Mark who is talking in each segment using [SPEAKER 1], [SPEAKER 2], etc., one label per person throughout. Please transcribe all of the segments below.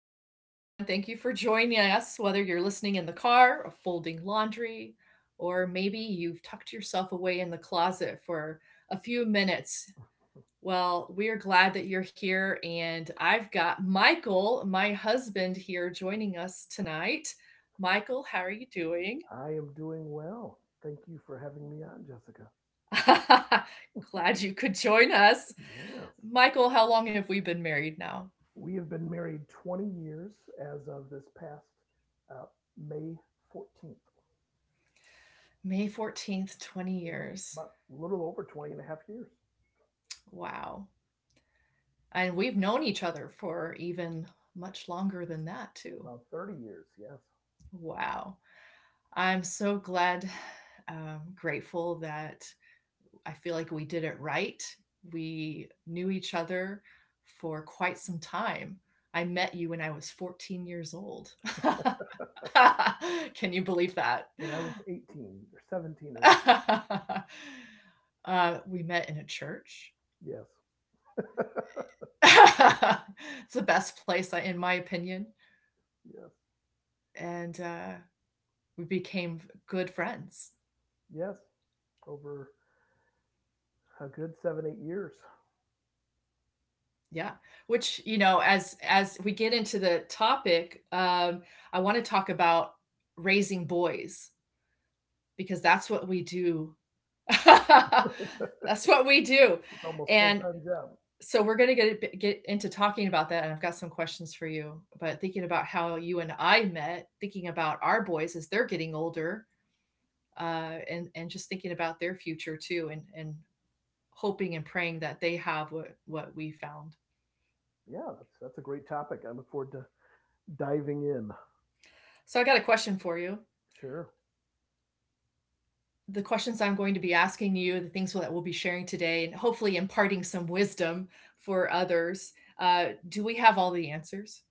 [SPEAKER 1] evening, everyone. Thank you for joining us, whether you're listening in the car or folding laundry, or maybe you've tucked yourself away in the closet for a few minutes. Well, we are glad that you're here, and I've got Michael, my husband, here joining us tonight. Michael, how are you doing?
[SPEAKER 2] I am doing well. Thank you for having me on, Jessica.
[SPEAKER 1] Glad you could join us.
[SPEAKER 2] Yes.
[SPEAKER 1] Michael, how long have we been married now?
[SPEAKER 2] We have been married 20 years as of this past uh, May 14th.
[SPEAKER 1] May 14th, 20
[SPEAKER 2] So,
[SPEAKER 1] years.
[SPEAKER 2] about a little over 20 and a half years,
[SPEAKER 1] Wow. And we've known each other for even much longer than that, too.
[SPEAKER 2] about 30 years, yes.
[SPEAKER 1] Wow. I'm so glad, grateful that I feel like we did it right. We knew each other for quite some time. I met you when I was 14 years old. Can you believe that?
[SPEAKER 2] And I was 18 or 17 or 18.
[SPEAKER 1] We met in a church.
[SPEAKER 2] Yes,
[SPEAKER 1] It's the best place, in my opinion.
[SPEAKER 2] yes,
[SPEAKER 1] And we became good friends,
[SPEAKER 2] yes. Over a good 7, 8 years.
[SPEAKER 1] yeah, which, as we get into the topic, I want to talk about raising boys because that's what we do. That's what we do.
[SPEAKER 2] It's almost full
[SPEAKER 1] And
[SPEAKER 2] time job.
[SPEAKER 1] so we're going to get into talking about that, and I've got some questions for you. But thinking about how you and I met, thinking about our boys as they're getting older, and just thinking about their future too, and hoping and praying that they have what we found.
[SPEAKER 2] Yeah, that's a great topic. I look forward to diving in.
[SPEAKER 1] So I got a question for you.
[SPEAKER 2] Sure.
[SPEAKER 1] The questions I'm going to be asking you, the things that we'll be sharing today, and hopefully imparting some wisdom for others. Do we have all the answers?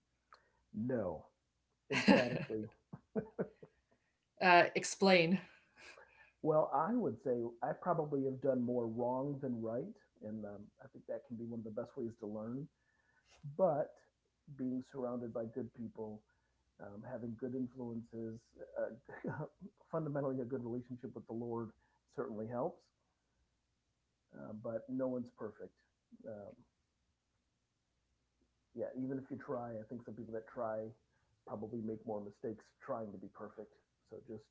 [SPEAKER 2] No, emphatically.
[SPEAKER 1] Explain.
[SPEAKER 2] Well, I would say I probably have done more wrong than right, and I think that can be one of the best ways to learn. But being surrounded by good people, having good influences, uh, fundamentally a good relationship with the Lord certainly helps. But no one's perfect. Um, yeah, even if you try, I think some people that try probably make more mistakes trying to be perfect. So just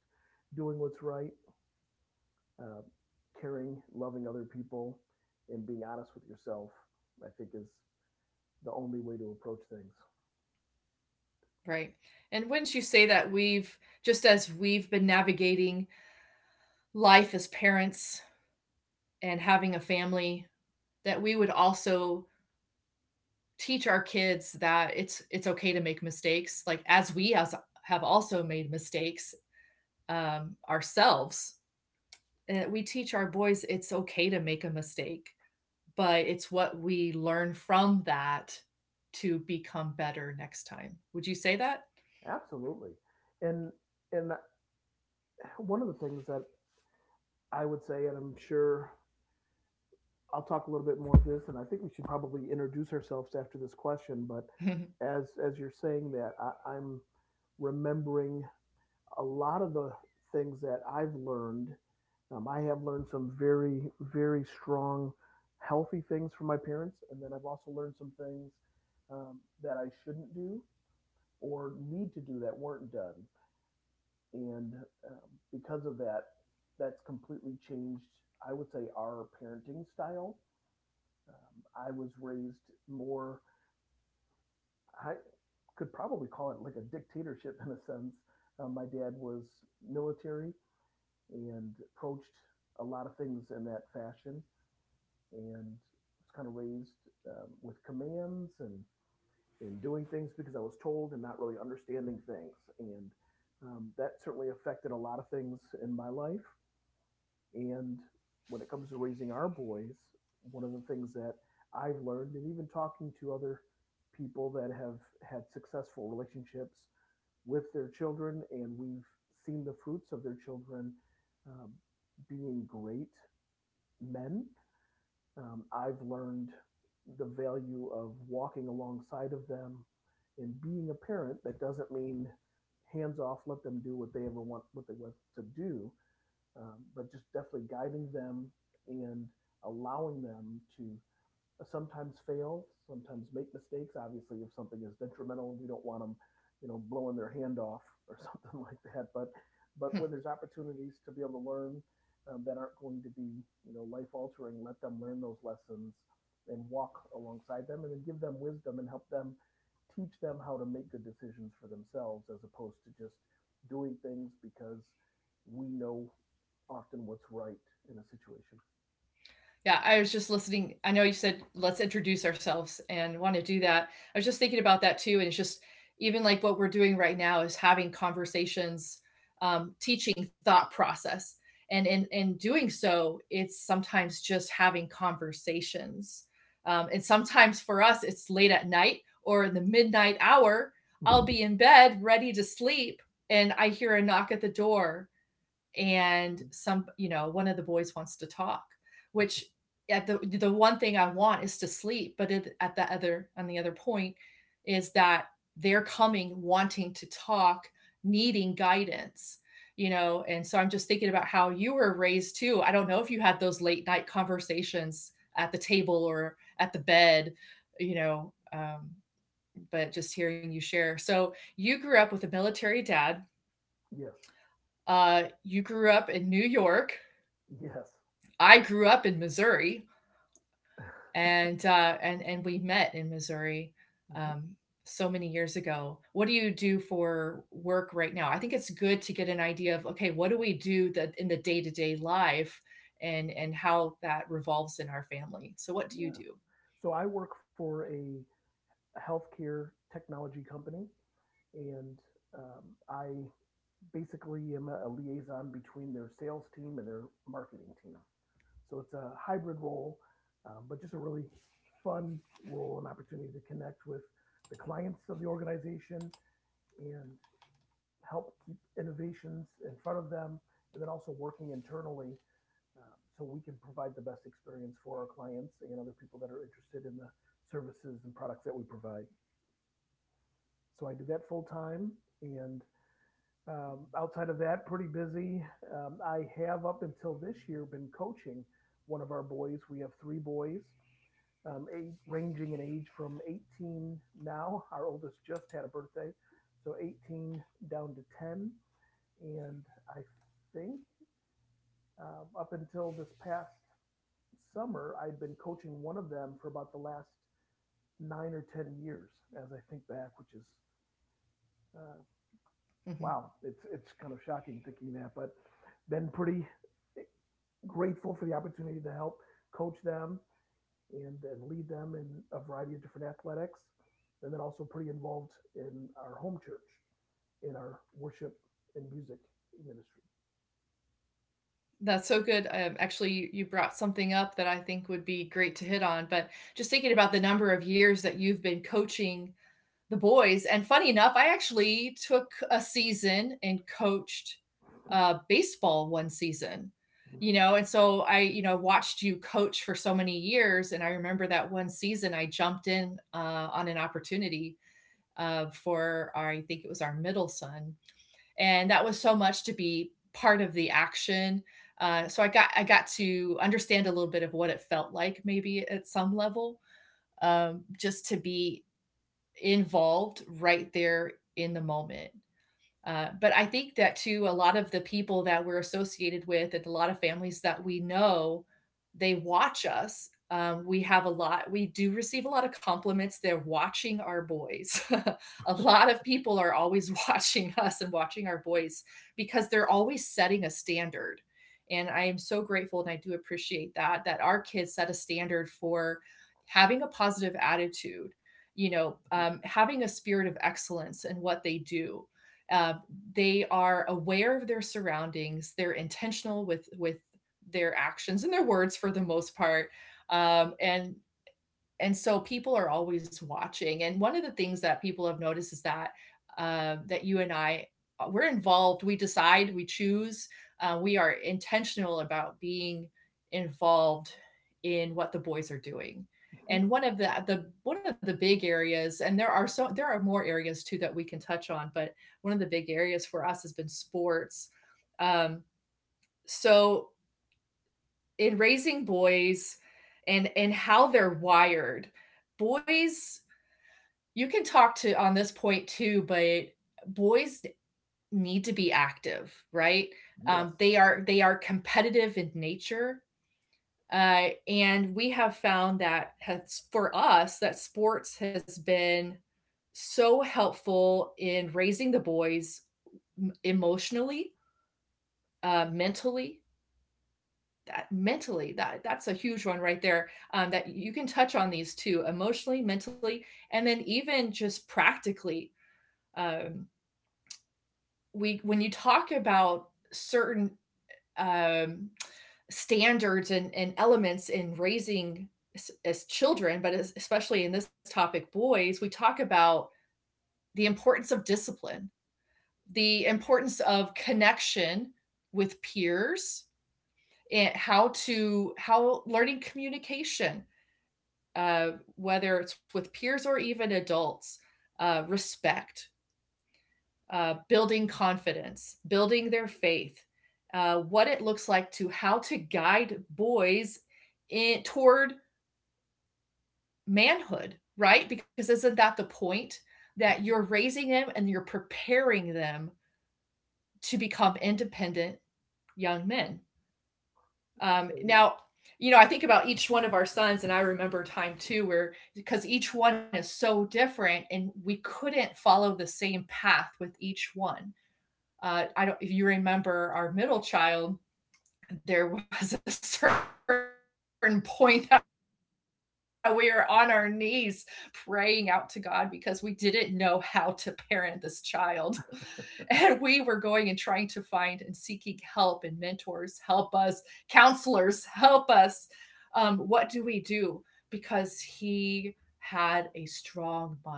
[SPEAKER 2] doing what's right uh, caring, loving other people, and being honest with yourself, I think is the only way to approach things.
[SPEAKER 1] Right? And wouldn't you say that we've, just as we've been navigating life as parents and having a family, that we would also teach our kids that it's okay to make mistakes, like as we as have also made mistakes, ourselves. We teach our boys it's okay to make a mistake, but it's what we learn from that to become better next time. Would you say that?
[SPEAKER 2] Absolutely. And and one of the things that I would say, and I'm sure I'll talk a little bit more of this, and I think we should probably introduce ourselves after this question, but as you're saying that, I'm remembering a lot of the things that I've learned. I have learned some very, very strong, healthy things from my parents. And then I've also learned some things that I shouldn't do or need to do that weren't done. And because of that, that's completely changed, I would say, our parenting style. Um, I was raised more, I could probably call it like a dictatorship in a sense. My dad was military and approached a lot of things in that fashion and was kind of raised with commands and doing things because I was told and not really understanding things. And that certainly affected a lot of things in my life. And when it comes to raising our boys, one of the things that I've learned, and even talking to other people that have had successful relationships with their children, and we've seen the fruits of their children um, being great men. I've learned the value of walking alongside of them and being a parent. That doesn't mean hands off, let them do what they ever want, what they want to do, but just definitely guiding them and allowing them to sometimes fail, sometimes make mistakes. Obviously, if something is detrimental, we don't want them, blowing their hand off or something like that. But when there's opportunities to be able to learn that aren't going to be, life altering, let them learn those lessons and walk alongside them, and then give them wisdom and help them teach them how to make good decisions for themselves, as opposed to just doing things because we know often what's right in a situation.
[SPEAKER 1] Yeah, I was just listening. I know you said let's introduce ourselves, and want to do that. I was just thinking about that too. And it's just, even like what we're doing right now is having conversations, teaching thought process. And in doing so, it's sometimes just having conversations. And sometimes for us, it's late at night or in the midnight hour. I'll be in bed ready to sleep, and I hear a knock at the door, and, some one of the boys wants to talk, which, at the one thing I want is to sleep, but it, at the other, on the other point, is that they're coming wanting to talk, needing guidance, you know. And so I'm just thinking about how you were raised too. I don't know if you had those late night conversations at the table or at the bed, you know. But just hearing you share, so you grew up with a military dad,
[SPEAKER 2] Yes,
[SPEAKER 1] you grew up in New York.
[SPEAKER 2] yes.
[SPEAKER 1] I grew up in Missouri, and we met in Missouri,
[SPEAKER 2] Mm-hmm.
[SPEAKER 1] um, so many years ago. What do you do for work right now? I think it's good to get an idea of, okay, what do we do that in the day to day life, and how that revolves in our family. So, what do you
[SPEAKER 2] Yes.
[SPEAKER 1] do?
[SPEAKER 2] So I work for a healthcare technology company, and um, I basically am a liaison between their sales team and their marketing team. So it's a hybrid role, but just a really fun role and opportunity to connect with the clients of the organization and help keep innovations in front of them, and then also working internally uh, so we can provide the best experience for our clients and other people that are interested in the services and products that we provide. So I did that full time, and outside of that, pretty busy. I have up until this year been coaching one of our boys. We have three boys, ranging in age from 18 now. Our oldest just had a birthday, so 18 down to 10, and I think up until this past summer, I'd been coaching one of them for about the last 9 or 10 years, as I think back, which is uh,
[SPEAKER 1] Hmm.
[SPEAKER 2] wow, it's kind of shocking thinking that, but been pretty grateful for the opportunity to help coach them and lead them in a variety of different athletics, and then also pretty involved in our home church, in our worship and music ministry.
[SPEAKER 1] That's so good. Actually, you brought something up that I think would be great to hit on. But just thinking about the number of years that you've been coaching the boys. And funny enough, I actually took a season and coached, baseball one season.
[SPEAKER 2] Mhm.
[SPEAKER 1] You know, and so I, you know, watched you coach for so many years, and I remember that one season I jumped in, on an opportunity, for our, I think it was our middle son, and that was so much to be part of the action. So I got to understand a little bit of what it felt like, maybe at some level, just to be involved right there in the moment. But I think that too, a lot of the people that we're associated with and a lot of families that we know, they watch us. We have a lot, we do receive a lot of compliments. They're watching our boys. A lot of people are always watching us and watching our boys because they're always setting a standard. And I am so grateful, and I do appreciate that, that our kids set a standard for having a positive attitude, you know, having a spirit of excellence in what they do, uh, they are aware of their surroundings. They're intentional with their actions and their words, for the most part. Um, and and so people are always watching, and one of the things that people have noticed is that, that you and I, we're involved, we decide, we choose, we are intentional about being involved in what the boys are doing.
[SPEAKER 2] Mhm.
[SPEAKER 1] And one of the big areas, and there are so there are more areas too that we can touch on, but one of the big areas for us has been sports. um, so in raising boys, and how they're wired, boys, you can talk to on this point too, but boys need to be active, right?
[SPEAKER 2] Yes,
[SPEAKER 1] They are, they are competitive in nature, and we have found that, has for us, that sports has been so helpful in raising the boys emotionally, mentally. That mentally, that's a huge one right there, that you can touch on, these two, emotionally, mentally, and then even just practically. um, we, when you talk about certain, um, standards and elements in raising, as children, but as, especially in this topic, boys, we talk about the importance of discipline, the importance of connection with peers, and how to, how learning communication, whether it's with peers or even adults, respect, building confidence, building their faith, what it looks like to, how to guide boys in, toward manhood, right? Because isn't that the point? That you're
[SPEAKER 2] mm-hmm.
[SPEAKER 1] raising them and you're preparing them to become independent young men.
[SPEAKER 2] Absolutely.
[SPEAKER 1] Now, you know, I think about each one of our sons, and I remember time too where, because each one is so different, and we couldn't follow the same path with each one. I don't if you remember our middle child, there was a certain point that we were on our knees praying out to God because we didn't know how to parent this child. And we were going and trying to find and seeking help and mentors, help us, counselors, help us. What do we do? Because he had a strong mind of his own.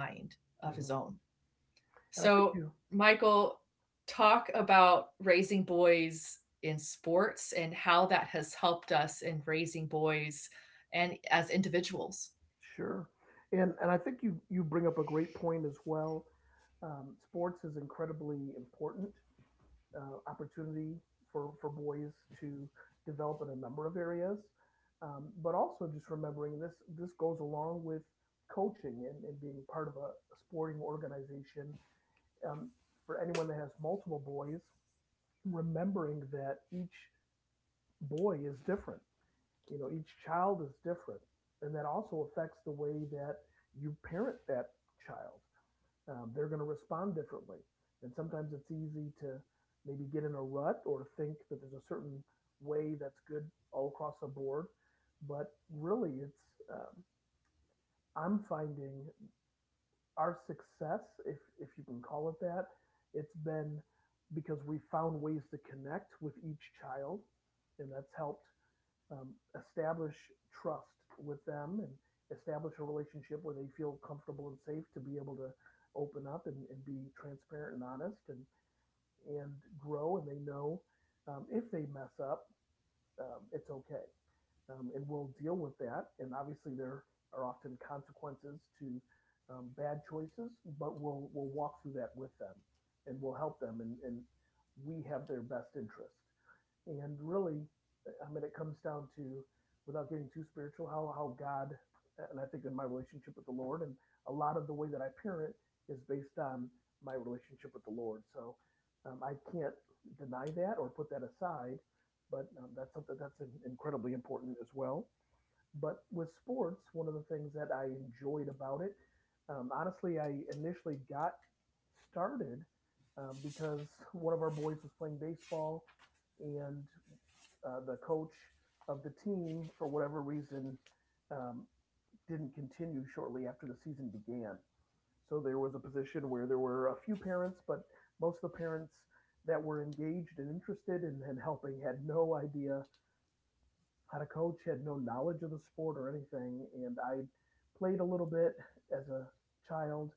[SPEAKER 1] So,
[SPEAKER 2] Mhm.
[SPEAKER 1] Michael,
[SPEAKER 2] And I think
[SPEAKER 1] talk
[SPEAKER 2] you.
[SPEAKER 1] about raising boys in sports and how that has helped us in raising boys and as individuals.
[SPEAKER 2] Sure. And I think you bring up a great point as well. Sports is incredibly important, opportunity for boys to develop in a number of areas, but also just remembering this this goes along with coaching and being part of a sporting organization. Um, for anyone that has multiple boys, remembering that each boy is different, each child is different, and that also affects the way that you parent that child. They're going to respond differently, and sometimes it's easy to maybe get in a rut or think that there's a certain way that's good all across the board. But really, it's um, I'm finding our success, if you can call it that, it's been because we found ways to connect with each child, and that's helped um, establish trust with them and establish a relationship where they feel comfortable and safe to be able to open up and be transparent and honest and grow, and they know if they mess up, it's okay, and we'll deal with that. And obviously, there are often consequences to bad choices, but we'll walk through that with them, and we'll help them, and we have their best interest. And really, I mean, it comes down to, without getting too spiritual, how God, and I think in my relationship with the Lord, and a lot of the way that I parent is based on my relationship with the Lord. So I can't deny that or put that aside, but that's something that's incredibly important as well. But with sports, one of the things that I enjoyed about it, honestly, I initially got started because one of our boys was playing baseball, and the coach of the team, for whatever reason, um, didn't continue shortly after the season began. So there was a position where there were a few parents, but most of the parents that were engaged and interested in helping had no idea how to coach, had no knowledge of the sport or anything. And I played a little bit as a child,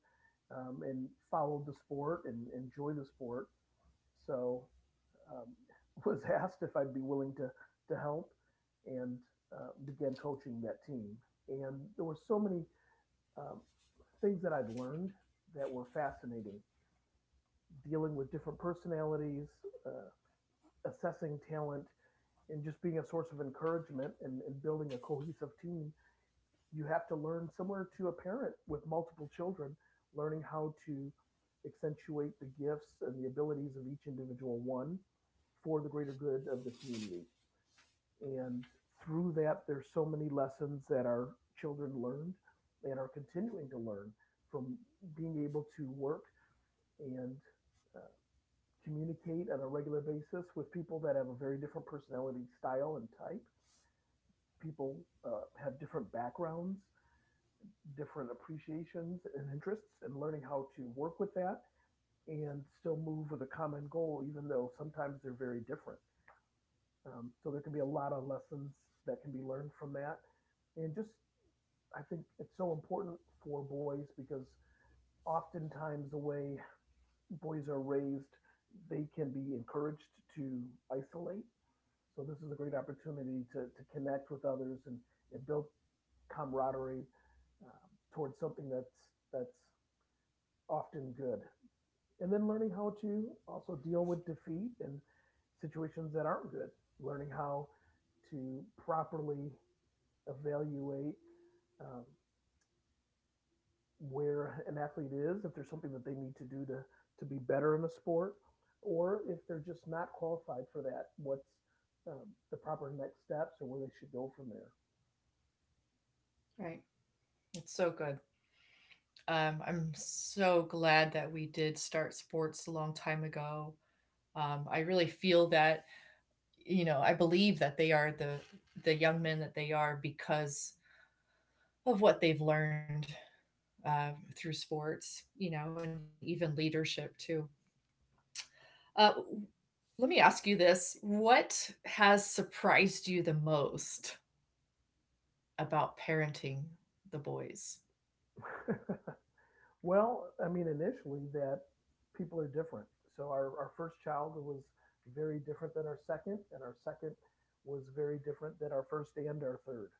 [SPEAKER 2] and followed the sport and enjoyed the sport. So um, was asked if I'd be willing to help and began coaching that team. And there were so many um, things that I'd learned that were fascinating dealing with different personalities, uh, assessing talent, and just being a source of encouragement and building a cohesive team. You have to learn, similar to a parent with multiple children, learning how to accentuate the gifts and the abilities of each individual one for the greater good of the community. And through that, there's so many lessons that our children learned and are continuing to learn from being able to work and uh, communicate on a regular basis with people that have a very different personality style and type, people have different backgrounds, different appreciations and interests, and learning how to work with that and still move with a common goal, even though sometimes they're very different. So there can be a lot of lessons that can be learned from that. And just, I think it's so important for boys because oftentimes the way boys are raised, they can be encouraged to isolate. So this is a great opportunity to connect with others and build camaraderie um, towards something that's often good. And then learning how to also deal with defeat and situations that aren't good, learning how to properly evaluate um, where an athlete is, if there's something that they need to do to be better in the sport, or if they're just not qualified for that, what's um, the proper next steps or where they should go from
[SPEAKER 1] Right. It's so good. I'm so glad that we did start sports a long time ago. I really feel that, you know, I believe that they are the young men that they are because of what they've learned, uh, through sports, you know, and even leadership too. Uh, Let me ask you this. What has surprised you the most about parenting the boys?
[SPEAKER 2] there. Well, I mean, initially that people are different. So our first child was very different than our second, and our second was very different than our first and our third.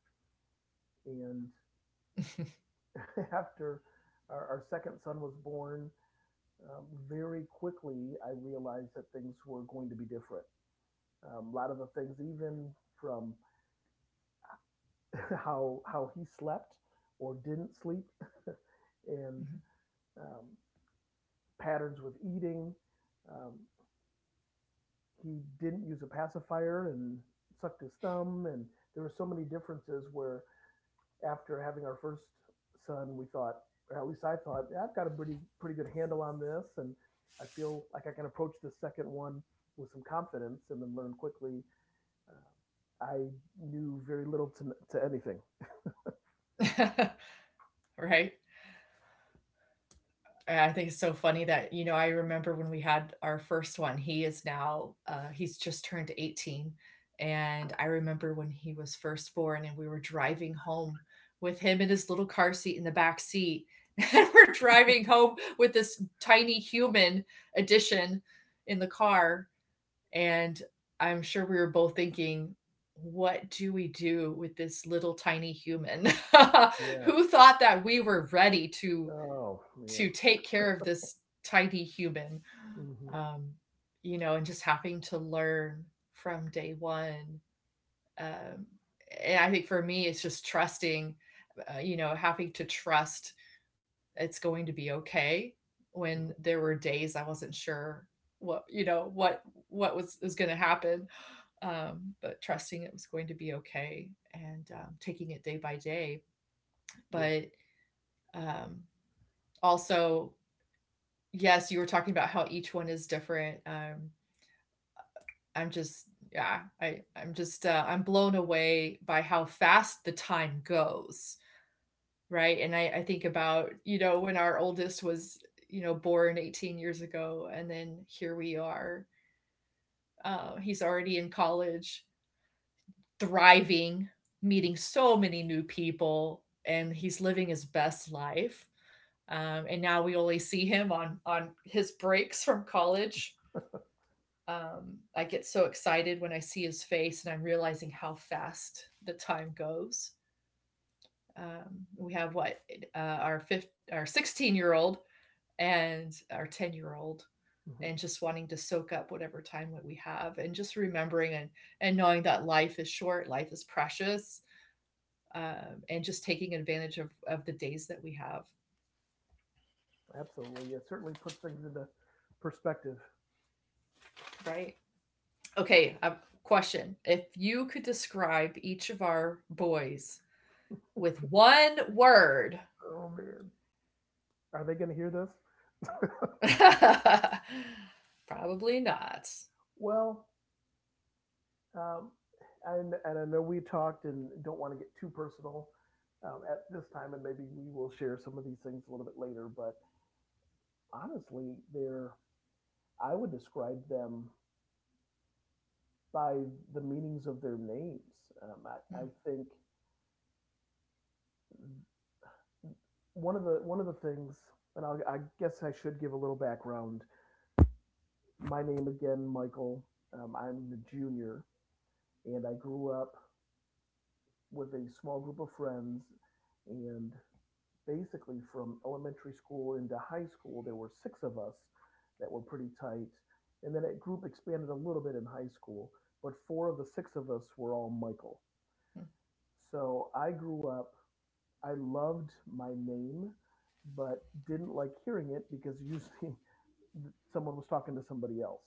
[SPEAKER 2] And after our second son was born, um, very quickly I realized that things were going to be different. A lot of the things, even from how he slept or didn't sleep, and
[SPEAKER 1] Mhm.
[SPEAKER 2] um, patterns with eating, um, he didn't use a pacifier and sucked his thumb, and there were so many differences where after having our first son, we thought, or at least I thought, "Yeah, I've got a pretty good handle on this, and I feel like I can approach the second one with some confidence and then learn quickly." uh, I knew very little to anything.
[SPEAKER 1] Right? I think it's so funny that, you know, I remember when we had our first one, he is now, he's just turned 18. And I remember when he was first born, and we were driving home with him in his little car seat in the back seat. And we're driving home with this tiny human addition in the car. And I'm sure we were both thinking, what do we do with this little tiny human?
[SPEAKER 2] Yes.
[SPEAKER 1] Who thought that we were ready to
[SPEAKER 2] Oh, man.
[SPEAKER 1] to take care of this tiny human?
[SPEAKER 2] Hmm.
[SPEAKER 1] Um, you know, and just having to learn from day one. Um, and I think for me, it's just trusting. You know, having to trust it's going to be okay. When there were days I wasn't sure what, you know, what was going to happen, but trusting it was going to be okay and, taking it day by day.
[SPEAKER 2] Yes.
[SPEAKER 1] But, um, also, yes, you were talking about how each one is different. I'm just, yeah, I, I'm just, I'm blown away by how fast the time goes, right? And I think about, you know, when our oldest was, you know, born 18 years ago, and then here we are. He's already in college, thriving, meeting so many new people, and he's living his best life. And now we only see him on his breaks from college. I get so excited when I see his face, and I'm realizing how fast the time goes. We have our 16-year-old, and our 10-year-old,
[SPEAKER 2] Hmm.
[SPEAKER 1] and just wanting to soak up whatever time that we have, and just remembering and knowing that life is short, life is precious, and just taking advantage of the days that we have,
[SPEAKER 2] Absolutely. It certainly puts things into perspective.
[SPEAKER 1] right? Okay, a question: if you could describe each of our boys with one word.
[SPEAKER 2] Oh, man. Are they going to hear this?
[SPEAKER 1] Probably not.
[SPEAKER 2] Well, Um, and I know we talked and don't want to get too personal at this time, and maybe we will share some of these things a little bit later. But honestly, they're I would describe them by the meanings of their names. I
[SPEAKER 1] Hmm.
[SPEAKER 2] think one of the things, and I'll, I guess I should give a little background. My name again, Michael. I'm a junior, and I grew up with a small group of friends, and basically from elementary school into high school, there were six of us that were pretty tight. And then that group expanded a little bit in high school, but four of the six of us were all Michael. So I grew up, I loved my name, but didn't like hearing it because usually someone was talking to somebody else.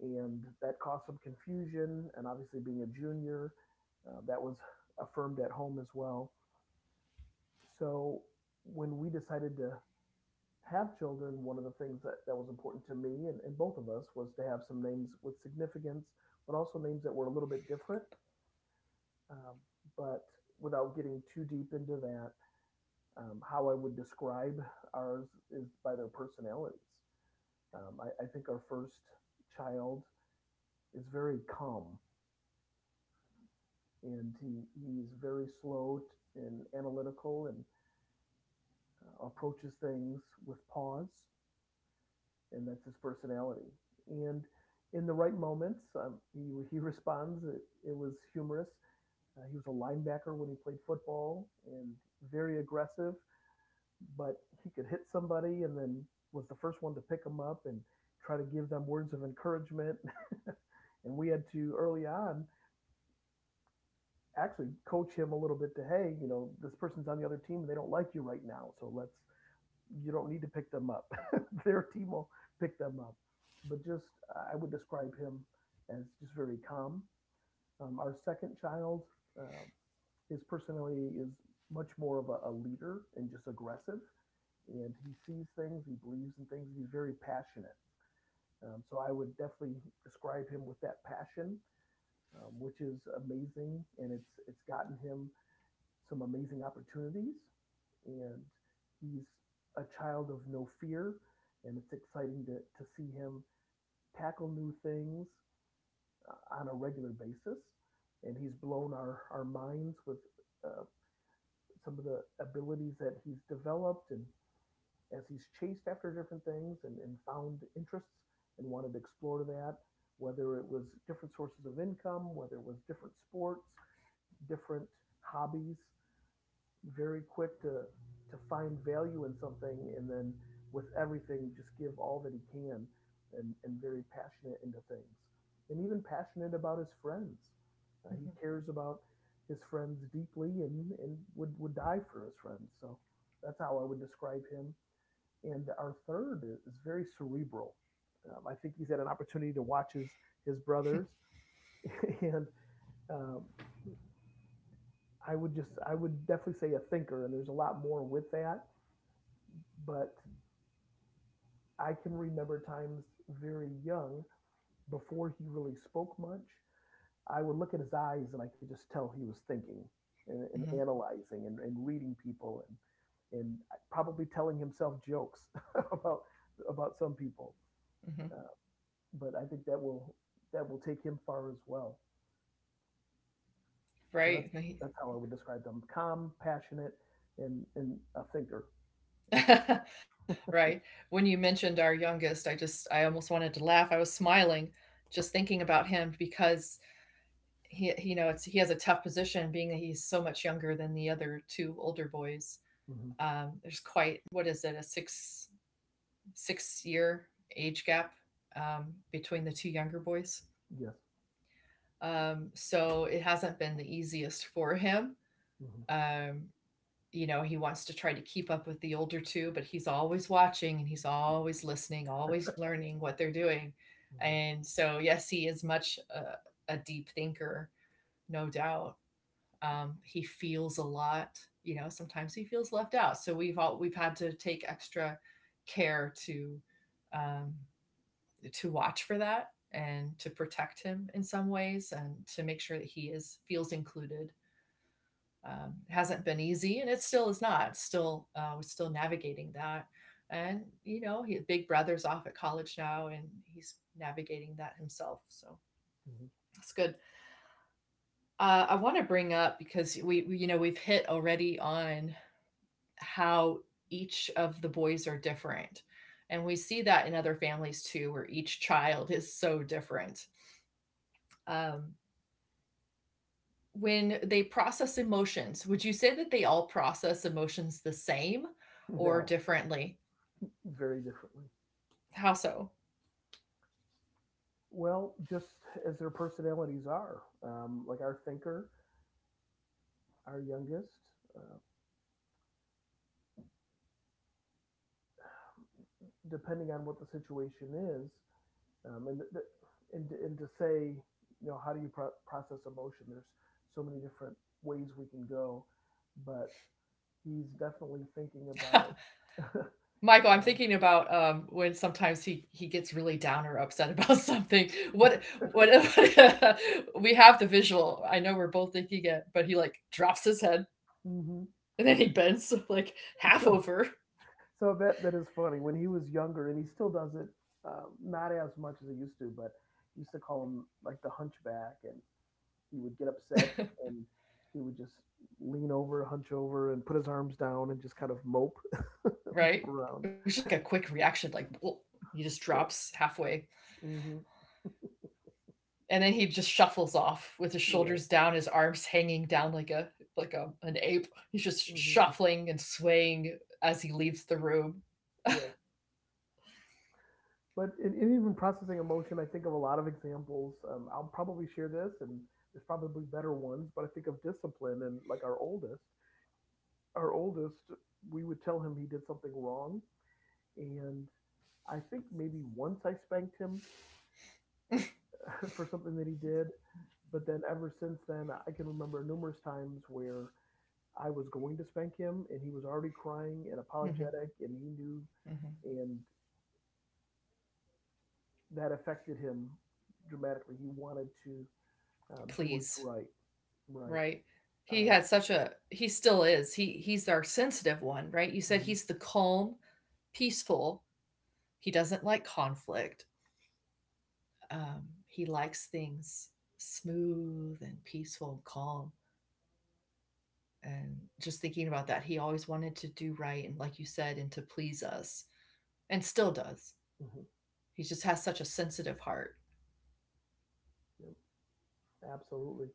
[SPEAKER 2] And that caused some confusion. And obviously, being a junior, that was affirmed at home as well. So when we decided to have children, one of the things that, that was important to me and both of us was to have some names with significance, but also names that were a little bit different. Um, but without getting too deep into that, how I would describe ours is by their personalities. I think our first child is very calm, and he's very slow and analytical, and approaches things with pause. And that's his personality. And in the right moments, he responds. It was humorous. He was a linebacker when he played football, and very aggressive, but he could hit somebody and then was the first one to pick him up and try to give them words of encouragement. And we had to early on actually coach him a little bit to, hey, you know, this person's on the other team and they don't like you right now. So let's, you don't need to pick them up. Their team will pick them up. But just, I would describe him as just very calm. Our second child, uh, his personality is much more of a leader and just aggressive. And he sees things, he believes in things, he's very passionate. So I would definitely describe him with that passion, which is amazing, and it's gotten him some amazing opportunities, and he's a child of no fear, and it's exciting to see him tackle new things on a regular basis. And he's blown our minds with uh, some of the abilities that he's developed, and as he's chased after different things and found interests and wanted to explore that, whether it was different sources of income, whether it was different sports, different hobbies, very quick to find value in something and then with everything just give all that he can, and very passionate into things, and even passionate about his friends. He
[SPEAKER 1] Mhm.
[SPEAKER 2] cares about his friends deeply, and would die for his friends. So that's how I would describe him. And our third is very cerebral. I think he's had an opportunity to watch his brothers and um, I would just, I would definitely say a thinker, and there's a lot more with that, but I can remember times very young before he really spoke much. I would look at his eyes and I could just tell he was thinking, and
[SPEAKER 1] Mhm,
[SPEAKER 2] analyzing, and reading people, and probably telling himself jokes about about some people.
[SPEAKER 1] mhm.
[SPEAKER 2] Uh, but I think that will, that will take him far as well. So that's
[SPEAKER 1] Right.
[SPEAKER 2] that's how I would describe them: calm, passionate, and a thinker.
[SPEAKER 1] Right. When you mentioned our youngest, I almost wanted to laugh. I was smiling just thinking about him because he- you know, it's he has a tough position, being that he's so much younger than the other two older boys.
[SPEAKER 2] Hmm.
[SPEAKER 1] There's quite — what is it — a six year age gap between the two younger boys.
[SPEAKER 2] Yes.
[SPEAKER 1] So it hasn't been the easiest for him.
[SPEAKER 2] Hmm.
[SPEAKER 1] Um, he wants to try to keep up with the older two, but he's always watching and he's always listening, always learning what they're doing. And so, yes, he is much a deep thinker, no doubt. He feels a lot. Sometimes he feels left out. So we've had to take extra care um, to watch for that, and to protect him in some ways, and to make sure that he is feels included. It hasn't been easy, and it still is not. We're still navigating that. And Big Brother's off at college now, and he's navigating that himself. So
[SPEAKER 2] Hmm. Hmm.
[SPEAKER 1] that's good. I want to bring up, because we've hit already on how each of the boys are different. And we see that in other families too, where each child is so different. Um, when they process emotions, would you say that they all process emotions the same, or
[SPEAKER 2] No,
[SPEAKER 1] differently?
[SPEAKER 2] very differently.
[SPEAKER 1] How so?
[SPEAKER 2] Well, just as their personalities are. Like our thinker, our youngest, uh, depending on what the situation is, and, and to say, you know, how do you process emotion? There's so many different ways we can go, but he's definitely thinking about.
[SPEAKER 1] Michael, I'm
[SPEAKER 2] um,
[SPEAKER 1] thinking about when sometimes he gets really down or upset about something. What we have the visual. I know we're both thinking it, but he like drops his head,
[SPEAKER 2] mhm.
[SPEAKER 1] and then he bends like half
[SPEAKER 2] So
[SPEAKER 1] over,
[SPEAKER 2] so that that is funny. When he was younger, and he still does it, not as much as he used to, but he used to call him like the hunchback, and he would get upset, and he would just lean over, hunch over, and put his arms down, and just kind of mope, mope
[SPEAKER 1] right? It
[SPEAKER 2] around.
[SPEAKER 1] was just like a quick reaction, like "Whoa," he just
[SPEAKER 2] Yeah.
[SPEAKER 1] drops halfway,
[SPEAKER 2] Hmm.
[SPEAKER 1] and then he just shuffles off with his
[SPEAKER 2] Right.
[SPEAKER 1] shoulders down, his arms hanging down like a an ape. He's just
[SPEAKER 2] Hmm.
[SPEAKER 1] shuffling and swaying as he leaves the room.
[SPEAKER 2] Yeah. But in even processing emotion, I think of a lot of examples. I'll probably share this, and there's probably better ones. But I think of discipline, and like our oldest, we would tell him he did something wrong, and I think maybe once I spanked him for something that he did. But then ever since then, I can remember numerous times where I was going to spank him and he was already crying and
[SPEAKER 1] Hmm.
[SPEAKER 2] apologetic and he knew,
[SPEAKER 1] Hmm.
[SPEAKER 2] and that affected him dramatically. He wanted to do what's
[SPEAKER 1] Please,
[SPEAKER 2] right. Right.
[SPEAKER 1] right? He
[SPEAKER 2] Um,
[SPEAKER 1] had such a He still is. He's our sensitive one, right? You said
[SPEAKER 2] mhm.
[SPEAKER 1] he's the calm, peaceful. He doesn't like conflict. He likes things smooth and peaceful and calm. And just thinking about that, he always wanted to do right, and like you said, and to please us, and still does.
[SPEAKER 2] Mhm.
[SPEAKER 1] He just has such a sensitive heart.
[SPEAKER 2] Yep, absolutely.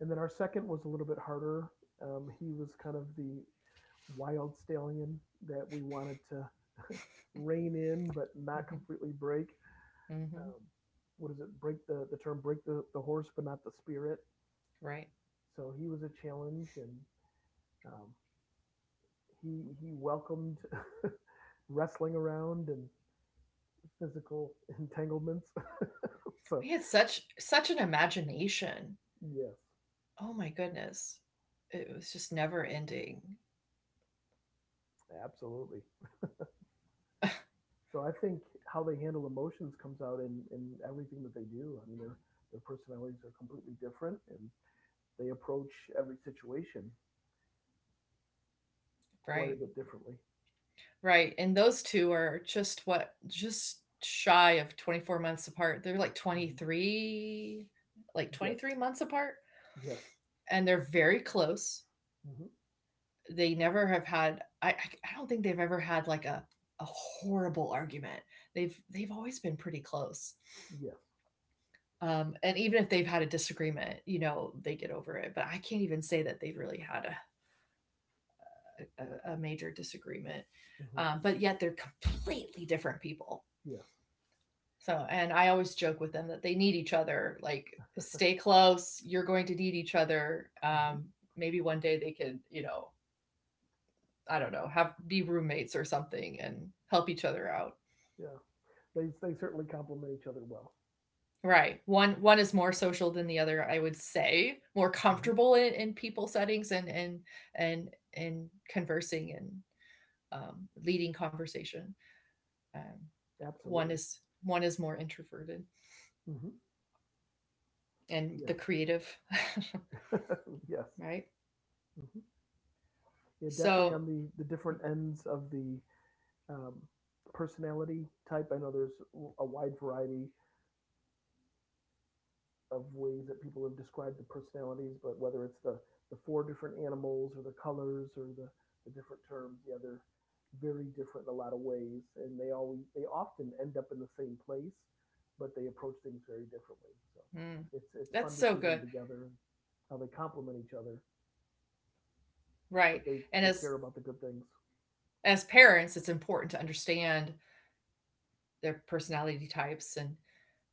[SPEAKER 2] And then our second was a little bit harder. He was kind of the wild stallion that we wanted to rein in but not
[SPEAKER 1] hmm.
[SPEAKER 2] completely break.
[SPEAKER 1] Hmm.
[SPEAKER 2] um, what is it? Break the term, break the horse, but not the spirit.
[SPEAKER 1] Right.
[SPEAKER 2] So he was a challenge, and um, he welcomed wrestling around and physical entanglements. So
[SPEAKER 1] He had such an imagination,
[SPEAKER 2] yes,
[SPEAKER 1] oh my goodness, it was just never ending.
[SPEAKER 2] absolutely. So I think how they handle emotions comes out in everything that they do. I mean, their personalities are completely different, and they approach every situation quite
[SPEAKER 1] Right.
[SPEAKER 2] a bit differently.
[SPEAKER 1] Right, and those two are just what — just shy of 24 months apart. They're like
[SPEAKER 2] Hmm.
[SPEAKER 1] 23 like
[SPEAKER 2] Yes.
[SPEAKER 1] 23 months apart,
[SPEAKER 2] Yes.
[SPEAKER 1] and they're very close.
[SPEAKER 2] Hmm.
[SPEAKER 1] They never have had — I don't think they've ever had like a horrible argument. They've always been pretty close.
[SPEAKER 2] Yes.
[SPEAKER 1] And even if they've had a disagreement, they get over it. But I can't even say that they've really had a major disagreement.
[SPEAKER 2] Hmm.
[SPEAKER 1] But yet they're completely different people.
[SPEAKER 2] Yes.
[SPEAKER 1] So, and I always joke with them that they need each other. Like, stay close. You're going to need each other.
[SPEAKER 2] Mhm.
[SPEAKER 1] Maybe one day they could, I don't know, have be roommates or something, and help each other out.
[SPEAKER 2] Yeah, they certainly complement each other well.
[SPEAKER 1] Right. One is more social than the other, I would say. More
[SPEAKER 2] Mhm.
[SPEAKER 1] comfortable in people settings and conversing, and leading conversation. Um, one
[SPEAKER 2] Absolutely.
[SPEAKER 1] is one is more introverted,
[SPEAKER 2] Mhm.
[SPEAKER 1] and the
[SPEAKER 2] Yes.
[SPEAKER 1] creative,
[SPEAKER 2] Yes.
[SPEAKER 1] right?
[SPEAKER 2] Mhm. Yeah, definitely
[SPEAKER 1] So,
[SPEAKER 2] on the different ends of the um, personality type. I know there's a wide variety of ways that people have described the personalities, but whether it's the four different animals or the colors or the different terms, yeah, they're very different in a lot of ways, and they always, they often end up in the same place, but they approach things very differently. So
[SPEAKER 1] mm,
[SPEAKER 2] it's
[SPEAKER 1] that's
[SPEAKER 2] fun
[SPEAKER 1] so
[SPEAKER 2] to see
[SPEAKER 1] good,
[SPEAKER 2] them together and how they complement each other,
[SPEAKER 1] right?
[SPEAKER 2] but they
[SPEAKER 1] And
[SPEAKER 2] they
[SPEAKER 1] as
[SPEAKER 2] care about the good things.
[SPEAKER 1] parents, it's important to understand their personality types,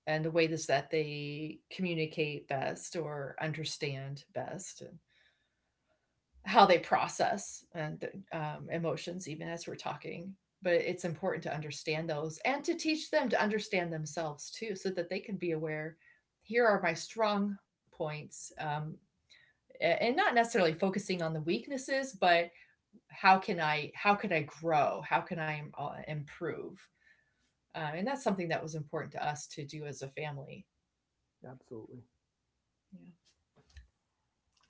[SPEAKER 1] and the way is that they communicate best, or understand best, and how they process, and emotions, even as we're talking. But it's important to understand those, and to teach them to understand themselves too, so that they can be aware: here are my strong points, and not necessarily focusing on the weaknesses, but how can I grow, how can I improve. And that's something that was important to us to do as a family.
[SPEAKER 2] Absolutely.
[SPEAKER 1] Yeah.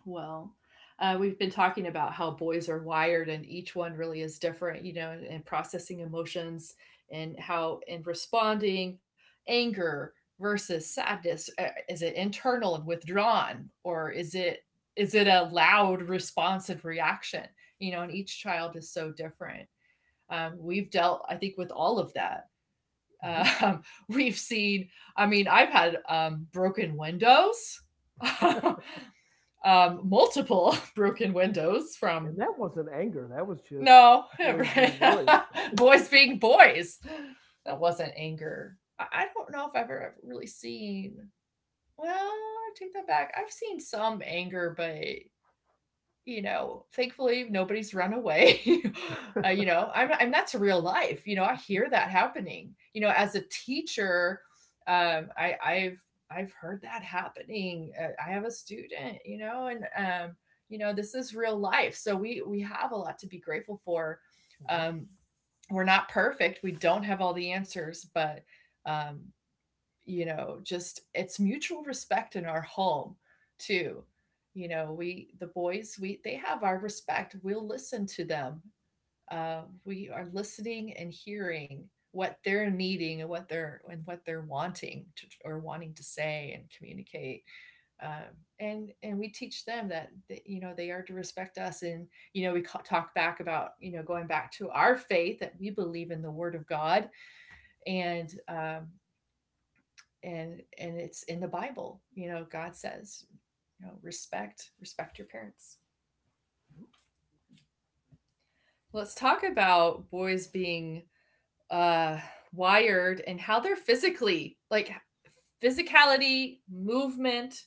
[SPEAKER 1] Well, we've been talking about how boys are wired, and each one really is different, you know, in processing emotions, and how in responding — anger versus sadness, is it internal and withdrawn, or is it a loud, responsive reaction. You know, and each child is so different. We've dealt, I think, with all of that.
[SPEAKER 2] Hmm.
[SPEAKER 1] um, we've seen — I mean, I've had broken windows, multiple broken windows
[SPEAKER 2] And
[SPEAKER 1] from —
[SPEAKER 2] that wasn't anger. That was just
[SPEAKER 1] no.
[SPEAKER 2] boys being boys.
[SPEAKER 1] Boys being boys. That wasn't anger. I, don't know if I've ever really seen. Well, I take that back. I've seen some anger, but thankfully nobody's run away. You know, I'm that's real life. You know, I hear that happening. You know, as a teacher, um, I, I've I've heard that happening. I have a student, you know, and this is real life. So we have a lot to be grateful for.
[SPEAKER 2] Mhm.
[SPEAKER 1] Um, we're not perfect. We don't have all the answers, but um, just it's mutual respect in our home too. You know, we — they have our respect. We'll listen to them. We are listening and hearing what they're needing, and what they're wanting to, or wanting to say and communicate. um, and we teach them that you know they are to respect us. And you know, we talk back about — you know, going back to our faith, that we believe in the word of God. And And it's in the Bible. You know, God says, you know, respect, respect your parents. Let's talk about boys being uh wired, and how they're physically, like, physicality, movement.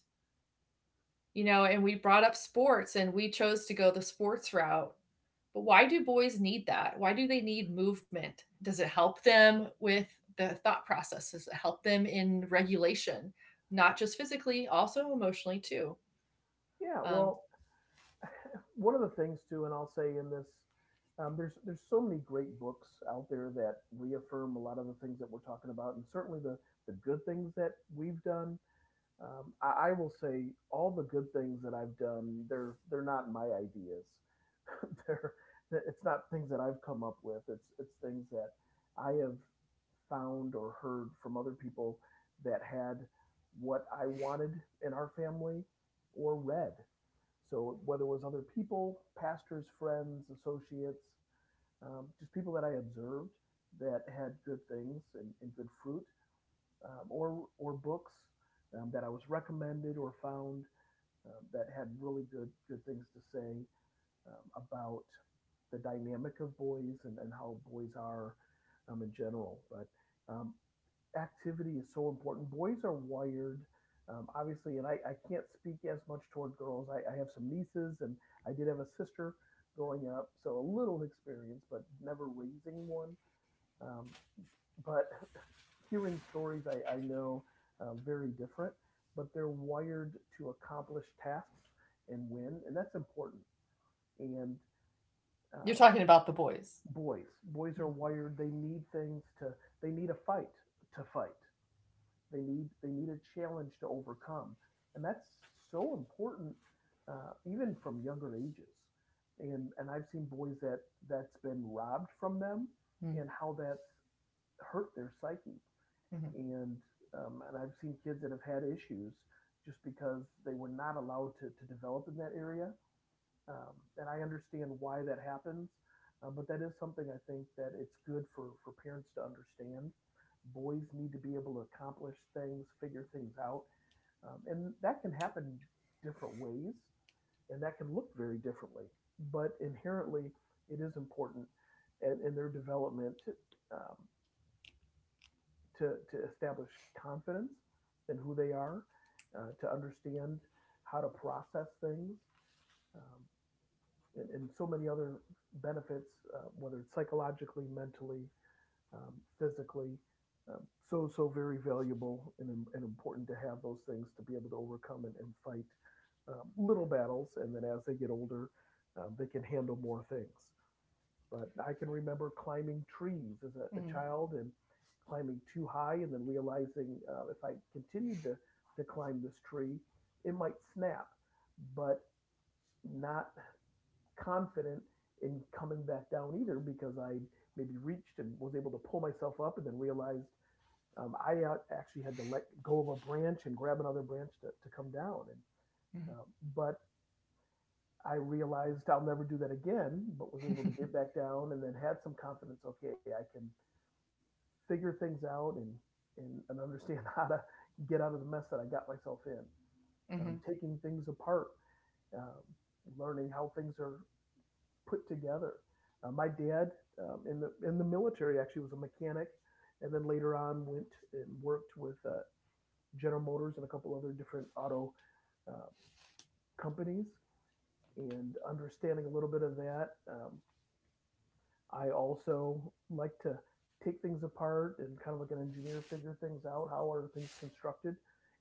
[SPEAKER 1] You know, and we brought up sports, and we chose to go the sports route. But why do boys need that, why do they need movement? Does it help them with the thought process, does it help them in regulation, not just physically, also emotionally too?
[SPEAKER 2] Yeah.
[SPEAKER 1] um,
[SPEAKER 2] Well, one of the things too, and I'll say in this, there's so many great books out there that reaffirm a lot of the things that we're talking about, and certainly the good things that we've done. I will say all the good things that I've done, they're not my ideas. They're, it's not things that I've come up with. It's things that I have found or heard from other people that had what I wanted in our family, or read. So whether it was other people, pastors, friends, associates, just people that I observed that had good things and good fruit, or books that I was recommended or found that had really good things to say about the dynamic of boys and how boys are in general. But um, activity is so important. Boys are wired, obviously, and I can't speak as much toward girls. I have some nieces, and I did have a sister growing up, so a little experience, but never raising one. Um, but hearing stories, I know very different, but they're wired to accomplish tasks and win, and that's important. And
[SPEAKER 1] You're
[SPEAKER 2] um,
[SPEAKER 1] talking about the boys.
[SPEAKER 2] boys, boys are wired. They need things to. They need a fight to fight. They need a challenge to overcome, and that's so important, even from younger ages. And I've seen boys that that's been robbed from them,
[SPEAKER 1] Mm-hmm.
[SPEAKER 2] and how that's hurt their psyche.
[SPEAKER 1] Mm-hmm.
[SPEAKER 2] And and I've seen kids that have had issues just because they were not allowed to develop in that area, and I understand why that happens. But that is something I think that it's good for parents to understand. Boys need to be able to accomplish things, figure things out, and that can happen different ways, and that can look very differently. But inherently, it is important in their development um, to to establish confidence in who they are, to understand how to process things, um, and so many other benefits, whether it's psychologically, mentally, um, physically. So, so very valuable and important to have those things to be able to overcome and fight little battles. And then as they get older, they can handle more things. But I can remember climbing trees as a child and climbing too high and then realizing if I continued to climb this tree, it might snap. But not confident in coming back down either because I maybe reached and was able to pull myself up and then realized I actually had to let go of a branch and grab another branch to come down. And
[SPEAKER 1] Mm-hmm.
[SPEAKER 2] um, but I realized I'll never do that again, but was able to get back down and then had some confidence. Okay, I can figure things out and understand how to get out of the mess that I got myself in.
[SPEAKER 1] Mm-hmm.
[SPEAKER 2] Taking things apart, um, learning how things are put together. My dad, in the military, actually was a mechanic, and then later on went and worked with General Motors and a couple other different auto uh, companies. And understanding a little bit of that, I also like to take things apart and, kind of like an engineer, figure things out. How are things constructed?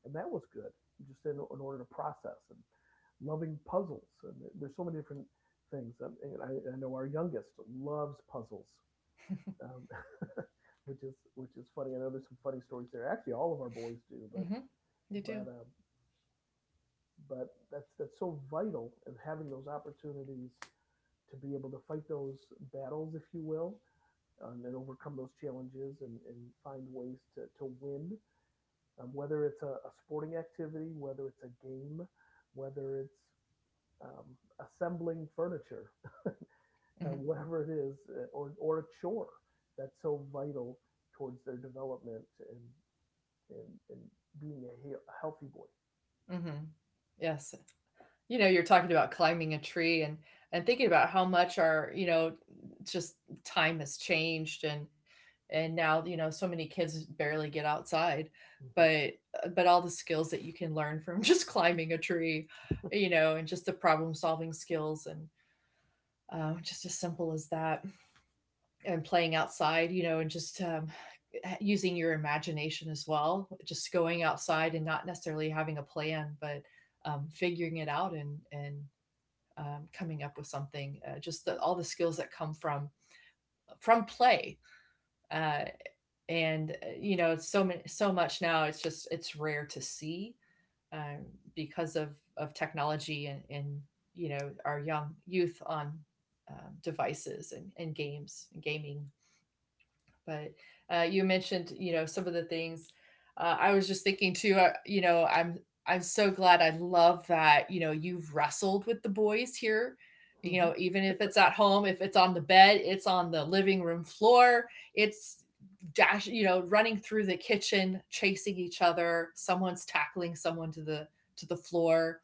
[SPEAKER 2] And that was good, just in order to process and loving puzzles. And there's so many different things. And I know our youngest loves puzzles, um, which is funny. I know there's some funny stories there. Actually, all of our boys do,
[SPEAKER 1] Mm-hmm. You
[SPEAKER 2] but
[SPEAKER 1] do.
[SPEAKER 2] um, but that's so vital. And having those opportunities to be able to fight those battles, if you will, and overcome those challenges and find ways to win. Whether it's a sporting activity, whether it's a game, whether it's um, assembling furniture,
[SPEAKER 1] Mm-hmm.
[SPEAKER 2] whatever it is, or a chore. That's so vital towards their development, and, and being a healthy boy.
[SPEAKER 1] Mm-hmm. Yes. You know, you're talking about climbing a tree, and thinking about how much our — you know just time has changed. And now, you know, so many kids barely get outside,
[SPEAKER 2] Mm-hmm.
[SPEAKER 1] but all the skills that you can learn from just climbing a tree, you know, and just the problem solving skills, and just as simple as that, and playing outside, you know, and just using your imagination as well, just going outside and not necessarily having a plan, but figuring it out, and coming up with something. Just all the skills that come from play. Uh, and you know, it's so many so much now, it's rare to see. um, because of technology, and you know, our young, youth on devices, and games and gaming. But you mentioned, you know, some of the things. I was just thinking too. I'm so glad. I love that. You know, you've wrestled with the boys here. You
[SPEAKER 2] Mm-hmm.
[SPEAKER 1] know, even if it's at home, if it's on the bed, it's on the living room floor. It's dash. You know, running through the kitchen, chasing each other. Someone's tackling someone to the floor.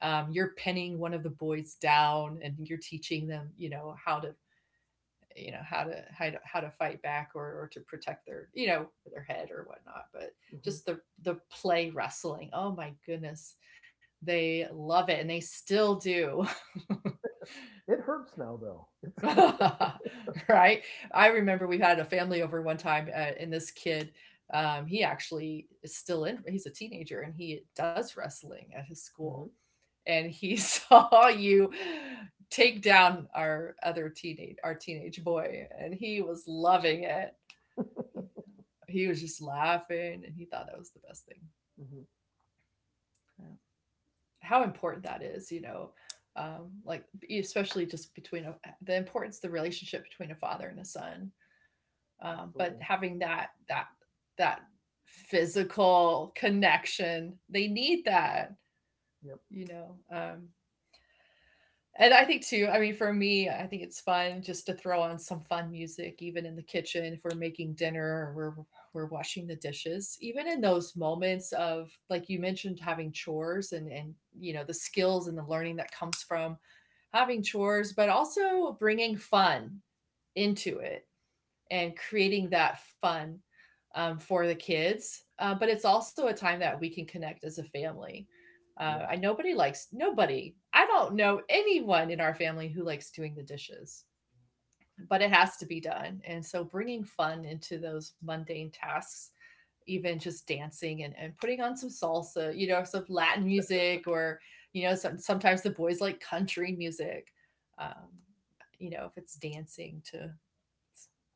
[SPEAKER 1] You're pinning one of the boys down, and you're teaching them. You know how to — how to fight back, or to protect their, you know, their head or whatnot. But
[SPEAKER 2] Mm-hmm.
[SPEAKER 1] just the play wrestling, oh my goodness, they love it, and they still do.
[SPEAKER 2] It hurts now, though.
[SPEAKER 1] Right. I remember we had a family over one time, and this kid, he actually is still in — he's a teenager, and he does wrestling at his
[SPEAKER 2] Mm-hmm.
[SPEAKER 1] school. And he saw you take down our teenage boy, and he was loving it. He, he was just laughing, and he thought that was the best thing.
[SPEAKER 2] Mm-hmm.
[SPEAKER 1] Yeah. How important that is, you know, um, like especially just between the importance — the relationship between a father and a son,
[SPEAKER 2] Absolutely.
[SPEAKER 1] but having that physical connection, they need that,
[SPEAKER 2] Yep.
[SPEAKER 1] you know. And I think too, I mean, for me, I think it's fun just to throw on some fun music, even in the kitchen, if we're making dinner or we're washing the dishes. Even in those moments of like you mentioned having chores, and you know, the skills and the learning that comes from having chores, but also bringing fun into it and creating that fun for the kids. But it's also a time that we can connect as a family.
[SPEAKER 2] Yes.
[SPEAKER 1] I Nobody likes— nobody— I don't know anyone in our family who likes doing the dishes, but it has to be done. And so, bringing fun into those mundane tasks, even just dancing, and putting on some salsa, you know, some Latin music, or sometimes the boys like country music. Um, you know, if it's dancing to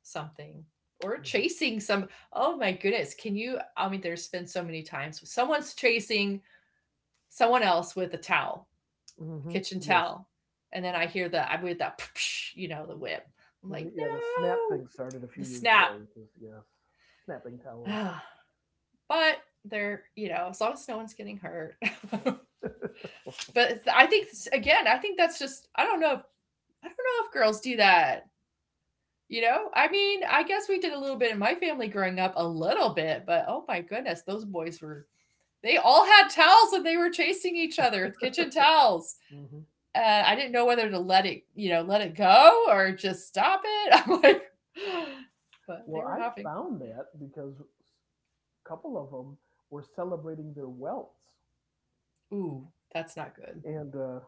[SPEAKER 1] something, or
[SPEAKER 2] Mm-hmm.
[SPEAKER 1] chasing some— oh my goodness, can you— I mean, there's been so many times someone's chasing someone else with a towel, a
[SPEAKER 2] Mm-hmm.
[SPEAKER 1] kitchen
[SPEAKER 2] Yes.
[SPEAKER 1] towel, and then I hear the— I— with that, you know, the whip. I'm
[SPEAKER 2] Well, the,
[SPEAKER 1] like,
[SPEAKER 2] yeah, the snap thing
[SPEAKER 1] "No,
[SPEAKER 2] started a
[SPEAKER 1] the
[SPEAKER 2] few years ago.
[SPEAKER 1] snap."
[SPEAKER 2] Yes, snapping towels.
[SPEAKER 1] But they're— you know, as long as no one's getting hurt.
[SPEAKER 2] Yep.
[SPEAKER 1] But I think— again, I think that's just— I don't know if— I don't know if girls do that. You know, I mean, I guess we did a little bit in my family growing up, a little bit, but oh my goodness, those boys were— They all had towels, and they were chasing each other with kitchen towels.
[SPEAKER 2] Hmm.
[SPEAKER 1] And I didn't know whether to let it go, or just stop it. I'm like, but they
[SPEAKER 2] Well,
[SPEAKER 1] were
[SPEAKER 2] I
[SPEAKER 1] having.
[SPEAKER 2] found that because a couple of them were celebrating their welts,
[SPEAKER 1] Ooh, that's not good.
[SPEAKER 2] and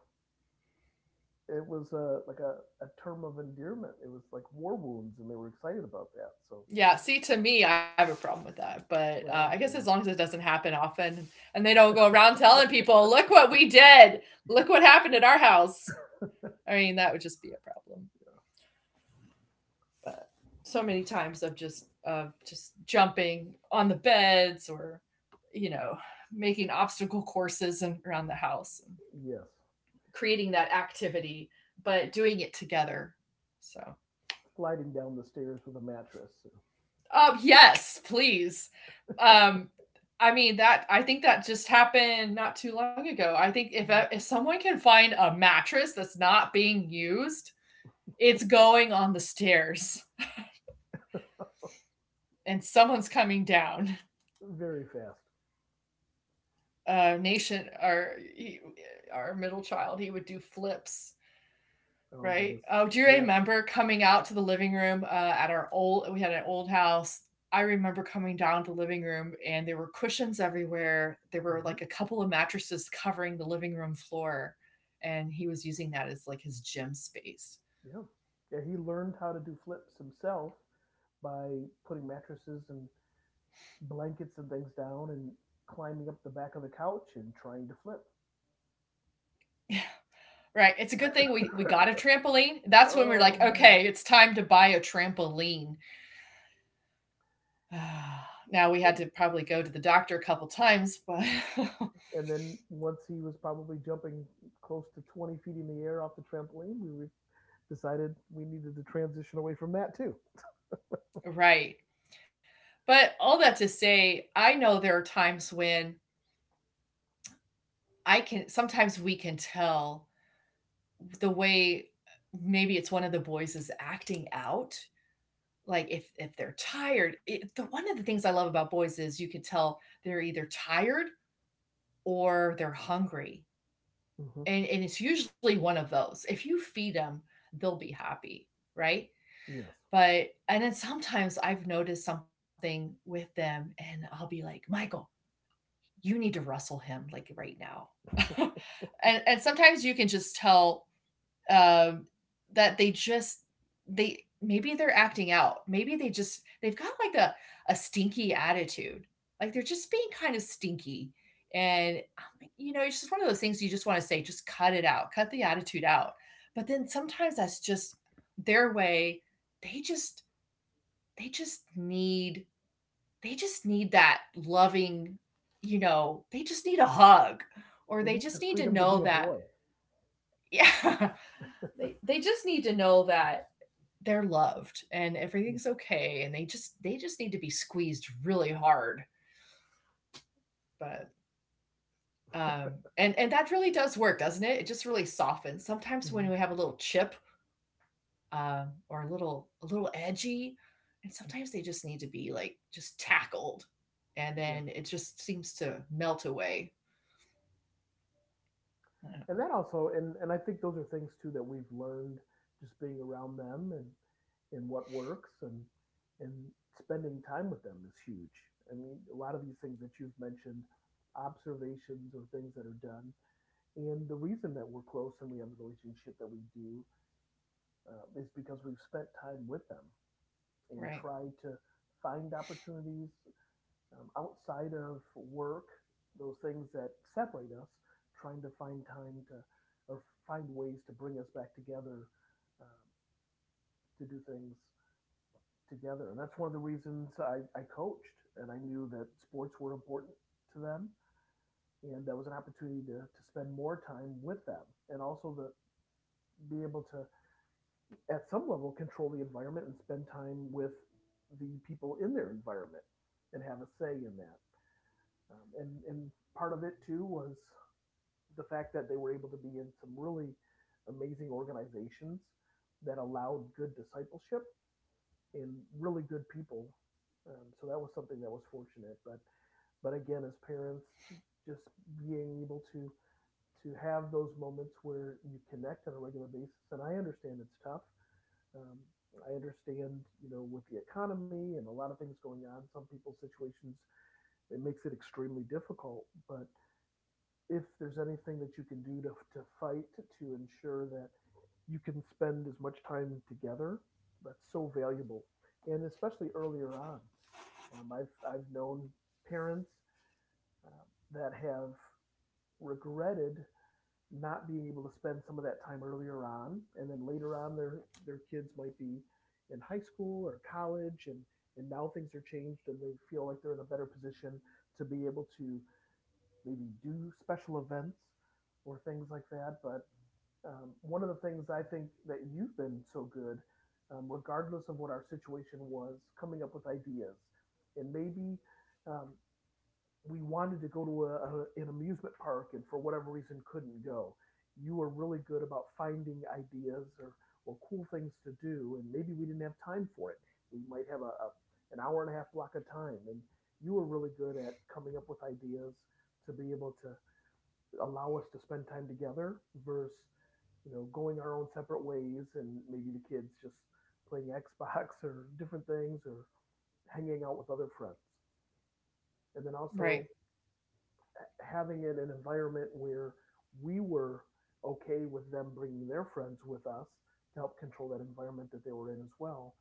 [SPEAKER 2] it was like a term of endearment. It was like war wounds, and they were excited about that. So,
[SPEAKER 1] Yeah, see, to me, I have a problem with that. But I guess,
[SPEAKER 2] well,
[SPEAKER 1] as long
[SPEAKER 2] yeah,
[SPEAKER 1] as it doesn't happen often and they don't go around telling people, "Look what we did, look what happened at our house." I mean, that would just be a problem. uh, so many times of just jumping on the beds, or you know making obstacle courses and around the house, and
[SPEAKER 2] yes,
[SPEAKER 1] creating that activity, but doing it together. So,
[SPEAKER 2] sliding down the stairs with a mattress.
[SPEAKER 1] oh yes, please. um I mean, that— I think that just happened not too long ago. I think if
[SPEAKER 2] Mhm.
[SPEAKER 1] someone can find a mattress that's not being used, it's going on the stairs, and someone's coming down.
[SPEAKER 2] Very fast.
[SPEAKER 1] Nation, our e, our middle child, he would do flips,
[SPEAKER 2] Oh
[SPEAKER 1] right?
[SPEAKER 2] goodness.
[SPEAKER 1] Oh, do you
[SPEAKER 2] Yes.
[SPEAKER 1] remember coming out to the living room? At our old— we had an old house. I remember coming down to the living room, and there were cushions everywhere. There were,
[SPEAKER 2] Hmm.
[SPEAKER 1] like, a couple of mattresses covering the living room floor, and he was using that as, like, his gym space.
[SPEAKER 2] Yeah, yeah, he learned how to do flips himself by putting mattresses and blankets and things down and climbing up the back of the couch and trying to flip.
[SPEAKER 1] Right, it's a good thing we got a trampoline. That's when we're like,
[SPEAKER 2] Oh man.
[SPEAKER 1] "Okay, it's time to buy a trampoline." Now, we had to probably go to the doctor a couple times, but
[SPEAKER 2] And then once he was probably jumping close to 20 feet in the air off the trampoline, we decided we needed to transition away from that too.
[SPEAKER 1] right. But all that to say, I know there are times when— I can— sometimes we can tell the way— maybe it's one of the boys is acting out, like if they're tired. It— the one of the things I love about boys is you can tell they're either tired or they're hungry,
[SPEAKER 2] Hmm.
[SPEAKER 1] and it's usually one of those. If you feed them, they'll be happy. Right?
[SPEAKER 2] Yes.
[SPEAKER 1] But and then sometimes I've noticed something with them, and I'll be like, "Michael, you need to wrestle him, like, right now." And sometimes you can just tell, um, that they just— they— maybe they're acting out. Maybe they just— they've got, like, a stinky attitude. Like, they're just being kinda stinky, and I'm like, it's just one of those things you just wanna say, "Just cut it out. Cut the attitude out." But then sometimes that's just their way. They just— they just need they just need that loving, you know, they just need a hug, or
[SPEAKER 2] They
[SPEAKER 1] they
[SPEAKER 2] need the
[SPEAKER 1] just need to
[SPEAKER 2] freedom to be
[SPEAKER 1] know
[SPEAKER 2] a
[SPEAKER 1] that.
[SPEAKER 2] boy.
[SPEAKER 1] Yeah, they just need to know that they're loved, and everything's okay, and they just need to be squeezed really hard. But and that really does work, doesn't it? It just really softens. Sometimes
[SPEAKER 2] Hmm.
[SPEAKER 1] when we have a little chip, or a little edgy, and sometimes they just need to be, like, just tackled, and
[SPEAKER 2] Yes.
[SPEAKER 1] then it just seems to melt away. Yeah.
[SPEAKER 2] And that also, and I think those are things too that we've learned just being around them, and what works, and spending time with them is huge. I mean, a lot of these things that you've mentioned, observations or things that are done, and the reason that we're close and we have the relationship that we do, is because we've spent time with them and
[SPEAKER 1] Right.
[SPEAKER 2] tried to find opportunities outside of work, those things that separate us, trying to find time to, or find ways to bring us back together, um, to do things together. And that's one of the reasons I coached, and I knew that sports were important to them, and that was an opportunity to spend more time with them, and also to be able to, at some level, control the environment and spend time with the people in their environment and have a say in that. And part of it too was the fact that they were able to be in some really amazing organizations that allowed good discipleship and really good people. So that was something that was fortunate. But again, as parents, just being able to have those moments where you connect on a regular basis, and I understand it's tough. Um, I understand, you know, with the economy and a lot of things going on, some people's situations, it makes it extremely difficult. But if there's anything that you can do to fight to ensure that you can spend as much time together, that's so valuable. And especially earlier on, I've known parents uh, that have regretted not being able to spend some of that time earlier on, and then later on, their kids might be in high school or college, and now things are changed, and they feel like they're in a better position to be able to maybe do special events or things like that. But one of the things I think that you've been so good, regardless of what our situation was, coming up with ideas. And maybe um, we wanted to go to an amusement park and for whatever reason couldn't go. You were really good about finding ideas or cool things to do, and maybe we didn't have time for it. We might have a an hour and a half block of time, and you were really good at coming up with ideas to be able to allow us to spend time together versus, you know, going our own separate ways and maybe the kids just playing Xbox or different things or hanging out with other friends. And then also
[SPEAKER 1] Right.
[SPEAKER 2] having it an environment where we were okay with them bringing their friends with us to help control that environment that they were in as well,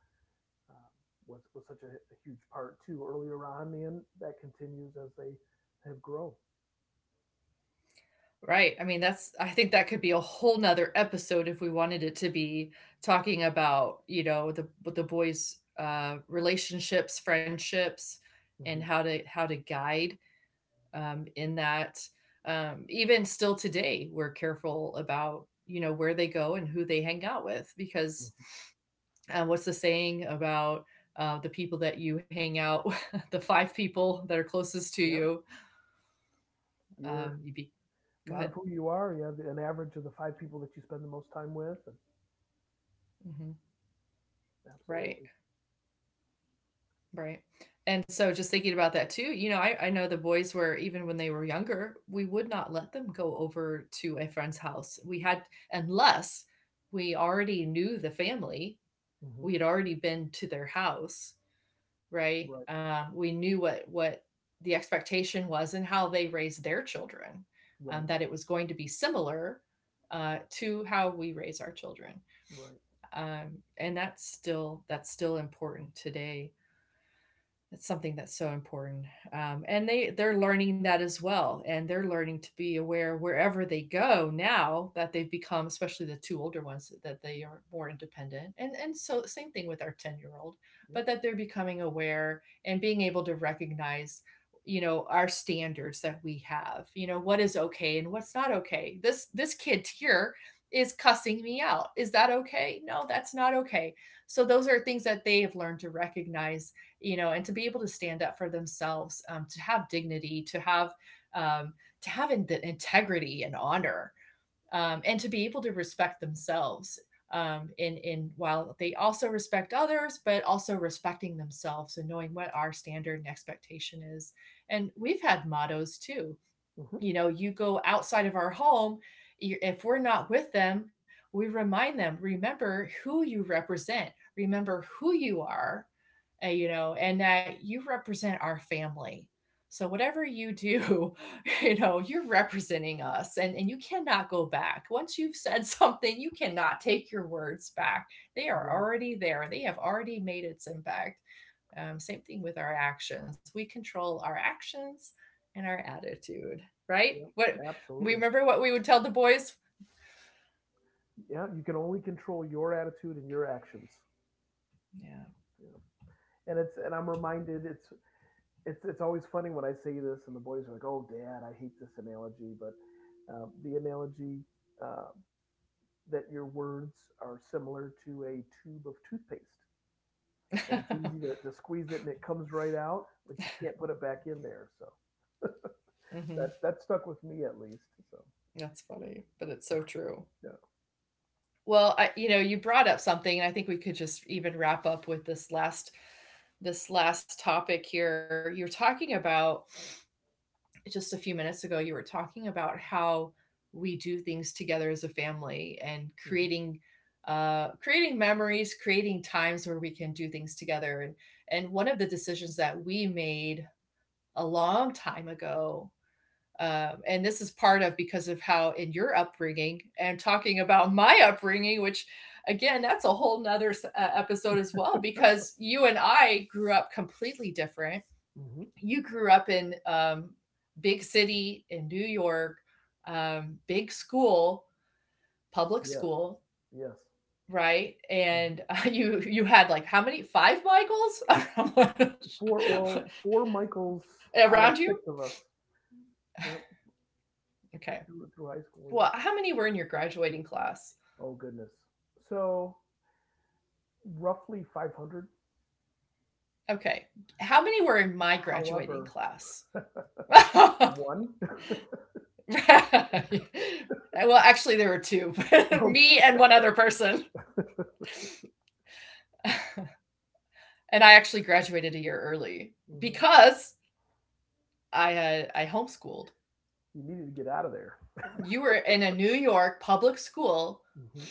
[SPEAKER 2] um, was such a huge part too earlier on, and that continues as they have grown.
[SPEAKER 1] Right. I mean, that's— I think that could be a whole nother episode if we wanted it to be, talking about, you know, the— with the boys' relationships, friendships, and
[SPEAKER 2] Mm-hmm.
[SPEAKER 1] how to— how to guide in that. Even still today we're careful about, you know, where they go and who they hang out with, because what's the saying about the people that you hang out with, the five people that are closest to
[SPEAKER 2] Mm-hmm. Yeah,
[SPEAKER 1] you?
[SPEAKER 2] you're
[SPEAKER 1] You be—
[SPEAKER 2] a
[SPEAKER 1] go
[SPEAKER 2] lot of
[SPEAKER 1] ahead.
[SPEAKER 2] who you are. Yeah, an average of the five people that you spend the most time with. And
[SPEAKER 1] Hmm. Right.
[SPEAKER 2] absolutely.
[SPEAKER 1] Right. And so, just thinking about that too, you know, I know the boys were— even when they were younger, we would not let them go over to a friend's house. We had— unless we already knew the family,
[SPEAKER 2] Hmm.
[SPEAKER 1] we had already been to their house,
[SPEAKER 2] Right.
[SPEAKER 1] right? We knew what the expectation was, and how they raised their children,
[SPEAKER 2] Right.
[SPEAKER 1] that it was going to be similar to how we raise our children,
[SPEAKER 2] Right.
[SPEAKER 1] and that's still important today. It's something that's so important. And they're learning that as well, and they're learning to be aware wherever they go, now that they've become— especially the two older ones— that they are more independent. And so, same thing with our 10-year-old,
[SPEAKER 2] Yeah.
[SPEAKER 1] but that they're becoming aware and being able to recognize, you know, our standards that we have, you know, what is okay and what's not okay. This kid here is cussing me out— is that okay? No, that's not okay. So those are things that they have learned to recognize, you know, and to be able to stand up for themselves, to have dignity, to have— um, to have the integrity and honor, and to be able to respect themselves. In While they also respect others, but also respecting themselves and knowing what our standard and expectation is. And we've had mottos too.
[SPEAKER 2] Hmm.
[SPEAKER 1] You know, you go outside of our home, if we're not with them, we remind them: remember who you represent, remember who you are, you know, and that you represent our family. So whatever you do, you know, you're representing us, and you cannot go back. Once you've said something, you cannot take your words back. They are
[SPEAKER 2] Right.
[SPEAKER 1] already there. They have already made its impact. Same thing with our actions. We control our actions and our attitude, right?
[SPEAKER 2] Yeah.
[SPEAKER 1] What— we
[SPEAKER 2] Absolutely.
[SPEAKER 1] remember what we would tell the boys?
[SPEAKER 2] Yeah, you can only control your attitude and your actions.
[SPEAKER 1] Yeah.
[SPEAKER 2] And I'm reminded, it's always funny when I say this and the boys are like, "Oh, Dad, I hate this analogy," but the analogy, uh, that your words are similar to a tube of toothpaste, and it's easy to squeeze it and it comes right out, but you can't put it back in there. So,
[SPEAKER 1] Hmm.
[SPEAKER 2] that stuck with me at least. So.
[SPEAKER 1] That's funny, but it's so true.
[SPEAKER 2] Yeah.
[SPEAKER 1] Well, I— you know, you brought up something, and I think we could just even wrap up with this last topic here. You're talking about— just a few minutes ago, you were talking about how we do things together as a family, and
[SPEAKER 2] Hmm.
[SPEAKER 1] creating— creating memories, creating times where we can do things together. And one of the decisions that we made a long time ago, and this is part of because of how in your upbringing, and talking about my upbringing, which— again, that's a whole nother episode as well, because you and I grew up completely different.
[SPEAKER 2] Hmm.
[SPEAKER 1] You grew up in— big city in New York, big school, public
[SPEAKER 2] Yes.
[SPEAKER 1] school,
[SPEAKER 2] Yes.
[SPEAKER 1] right?
[SPEAKER 2] Hmm.
[SPEAKER 1] And you had, like, how many— five Michaels
[SPEAKER 2] Four. Well, four Michaels
[SPEAKER 1] around you?
[SPEAKER 2] out of six of us. Yep.
[SPEAKER 1] Okay.
[SPEAKER 2] Through high
[SPEAKER 1] Well,
[SPEAKER 2] school, you
[SPEAKER 1] how
[SPEAKER 2] know.
[SPEAKER 1] many were in your graduating class?
[SPEAKER 2] Oh goodness. So roughly 500.
[SPEAKER 1] Okay. How many were in my graduating
[SPEAKER 2] However,
[SPEAKER 1] class? Well,
[SPEAKER 2] one.
[SPEAKER 1] actually, there were two. Me and one other person. And I actually graduated a year early,
[SPEAKER 2] Hmm.
[SPEAKER 1] because I homeschooled.
[SPEAKER 2] You needed to get out of there.
[SPEAKER 1] You were in a New York public school.
[SPEAKER 2] Hmm.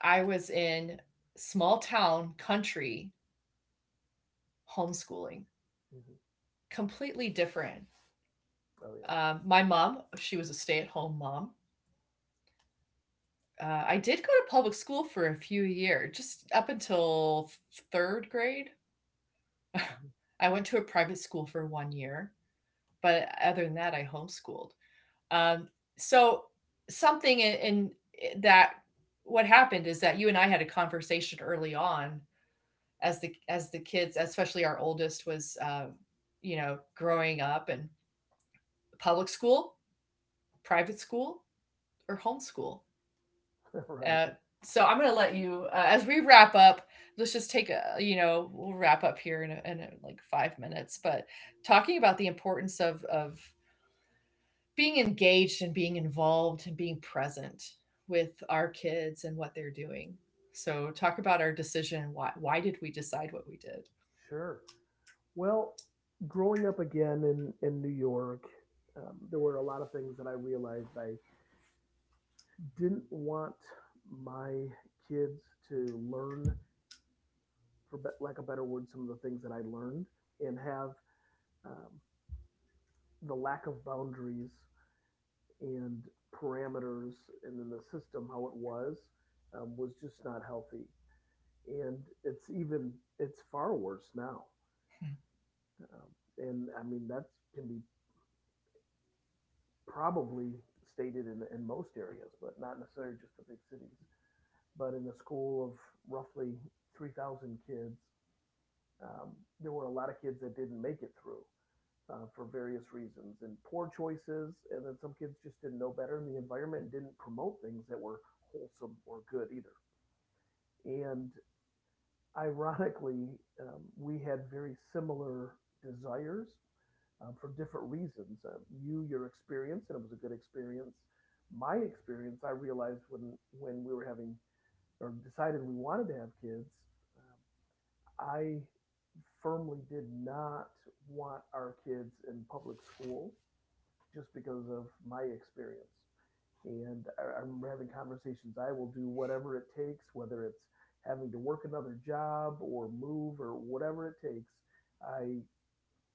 [SPEAKER 1] I was in small town country homeschooling,
[SPEAKER 2] Hmm.
[SPEAKER 1] completely different.
[SPEAKER 2] Oh yeah.
[SPEAKER 1] My mom, she was a stay at home mom. I did go to public school for a few years, just up until third grade. I went to a private school for one year, but other than that, I homeschooled. Um, so, something in— that— what happened is that you and I had a conversation early on, as the— kids, especially our oldest, was you know, growing up, and public school, private school, or homeschool.
[SPEAKER 2] Mm-hmm. Right.
[SPEAKER 1] Uh, so I'm gonna let you— as we wrap up. Let's just take a— you know, we'll wrap up here in— a, in a, like, 5 minutes, but talking about the importance of being engaged, and being involved, and being present with our kids and what they're doing. So, talk about our decision. Why did we decide what we did?
[SPEAKER 2] Sure. Well, growing up again in New York, there were a lot of things that I realized I didn't want my kids to learn, for lack of a better word, some of the things that I learned and have, um, the lack of boundaries and parameters, and then the system, how it was just not healthy. And it's even, it's far worse now.
[SPEAKER 1] Hmm.
[SPEAKER 2] Um, and I mean that can be probably stated in most areas, but not necessarily just the big cities. But in a school of roughly 3,000 kids, um, there were a lot of kids that didn't make it through, for various reasons and poor choices, and then some kids just didn't know better, and the environment didn't promote things that were wholesome or good either. And ironically, we had very similar desires, for different reasons. You, your experience, and it was a good experience. My experience, I realized when we were having or decided we wanted to have kids, um, I firmly did not want our kids in public school just because of my experience. And I remember having conversations. I will do whatever it takes, whether it's having to work another job or move or whatever it takes. I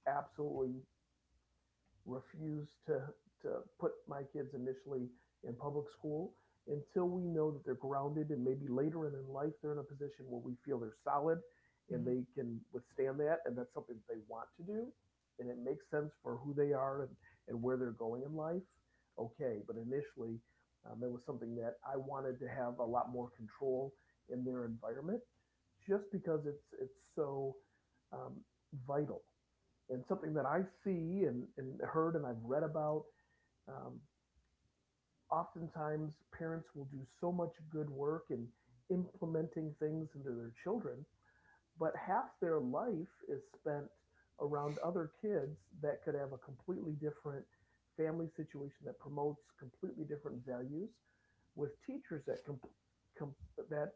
[SPEAKER 2] absolutely refuse to put my kids initially in public school until we know that they're grounded, and maybe later in life they're in a position where we feel they're solid and
[SPEAKER 1] Mm-hmm.
[SPEAKER 2] they can withstand that, and that's something that they want to do and it makes sense for who they are, and where they're going in life. Okay, but initially, it was something that I wanted to have a lot more control in their environment, just because it's so, um, vital, and something that I see and heard and I've read about. Um, Oftentimes, parents will do so much good work in implementing things into their children, but half their life is spent around other kids that could have a completely different family situation that promotes completely different values, with teachers com- that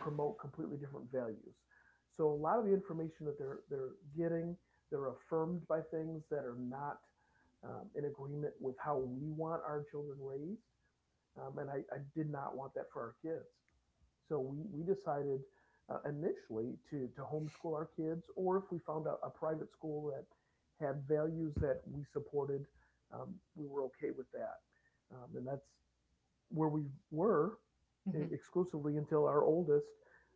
[SPEAKER 2] promote completely different values. So a lot of the information that they're getting, they're affirmed by things that are not in agreement with how we want our children raised. And I did not want that for our kids. So we decided, initially, to homeschool our kids, or if we found a private school that had values that we supported, we were okay with that. And that's where we were
[SPEAKER 1] Mm-hmm.
[SPEAKER 2] exclusively until our oldest,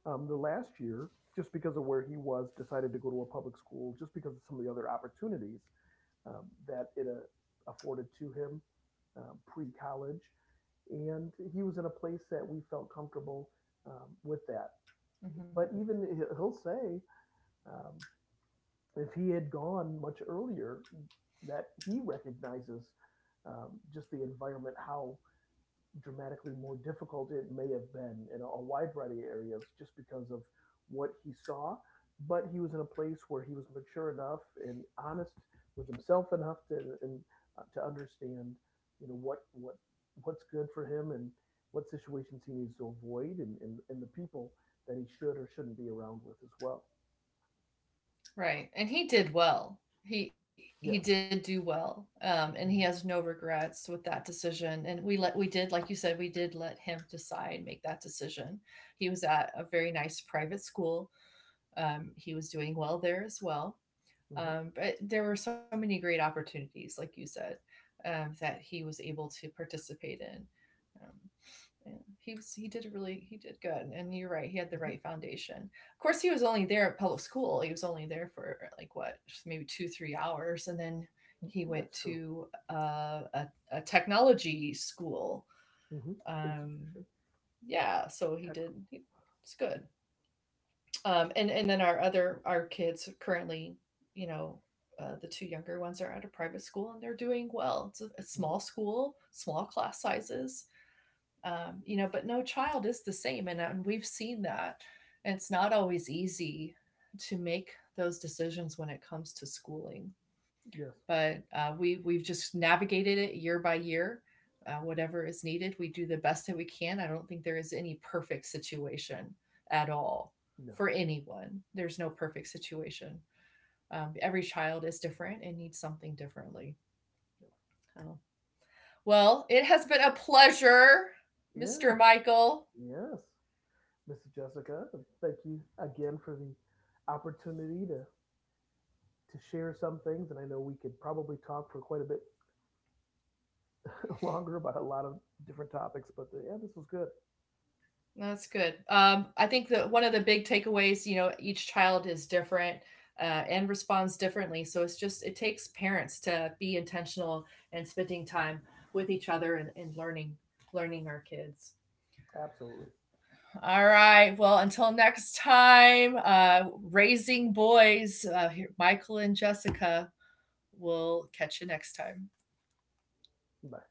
[SPEAKER 2] the last year, just because of where he was, decided to go to a public school, just because of some of the other opportunities that it afforded to him, pre college. And he was in a place that we felt comfortable with that.
[SPEAKER 1] Mm-hmm.
[SPEAKER 2] But even he'll say, um, if he had gone much earlier, that he recognizes, just the environment, how dramatically more difficult it may have been in a wide variety of areas just because of what he saw. But he was in a place where he was mature enough and honest with himself enough to, and to understand, you know, what's good for him and what situations he needs to avoid, and the people that he should or shouldn't be around with as well.
[SPEAKER 1] Right. And he did well. He did
[SPEAKER 2] Yes.
[SPEAKER 1] do well. And he has no
[SPEAKER 2] Hmm.
[SPEAKER 1] regrets with that decision. And we let— we did, like you said, we did let him decide— make that decision. He was at a very nice private school. He was doing well there as well.
[SPEAKER 2] Hmm.
[SPEAKER 1] But there were so many great opportunities, like you said, that he was able to participate in. Um yeah, he was— he did really— he did good, and you're right, he had the right
[SPEAKER 2] Hmm.
[SPEAKER 1] foundation. Of course, he was only there at public school— he was only there for like, what, maybe 2-3 hours, and then he went
[SPEAKER 2] That's true.
[SPEAKER 1] to a technology school.
[SPEAKER 2] Hmm.
[SPEAKER 1] um
[SPEAKER 2] Institution.
[SPEAKER 1] yeah, so he
[SPEAKER 2] Text.
[SPEAKER 1] did— he— it's good. And then our other— our kids currently, you know, the two younger ones are at a private school, and they're doing well. It's a small
[SPEAKER 2] Hmm.
[SPEAKER 1] school, small class sizes. You know, but no child is the same, and we've seen that, and it's not always easy to make those decisions when it comes to schooling.
[SPEAKER 2] Yes.
[SPEAKER 1] But we've just navigated it year by year. Whatever is needed, we do the best that we can. I don't think there is any perfect situation at all,
[SPEAKER 2] No.
[SPEAKER 1] for anyone. There's no perfect situation. Every child is different and needs something differently. So, well, it has been a pleasure, Mr.
[SPEAKER 2] Yes.
[SPEAKER 1] Michael.
[SPEAKER 2] Yes. Mrs. Jessica. Thank you again for the opportunity to share some things. And I know we could probably talk for quite a bit longer about a lot of different topics, but yeah, this was good.
[SPEAKER 1] That's good. I think that one of the big takeaways, you know, each child is different and responds differently. So it's just— it takes parents to be intentional and spending time with each other, and learning our kids.
[SPEAKER 2] Absolutely.
[SPEAKER 1] All right. Well, until next time, raising boys, Michael and Jessica, we'll catch you next time.
[SPEAKER 2] Bye.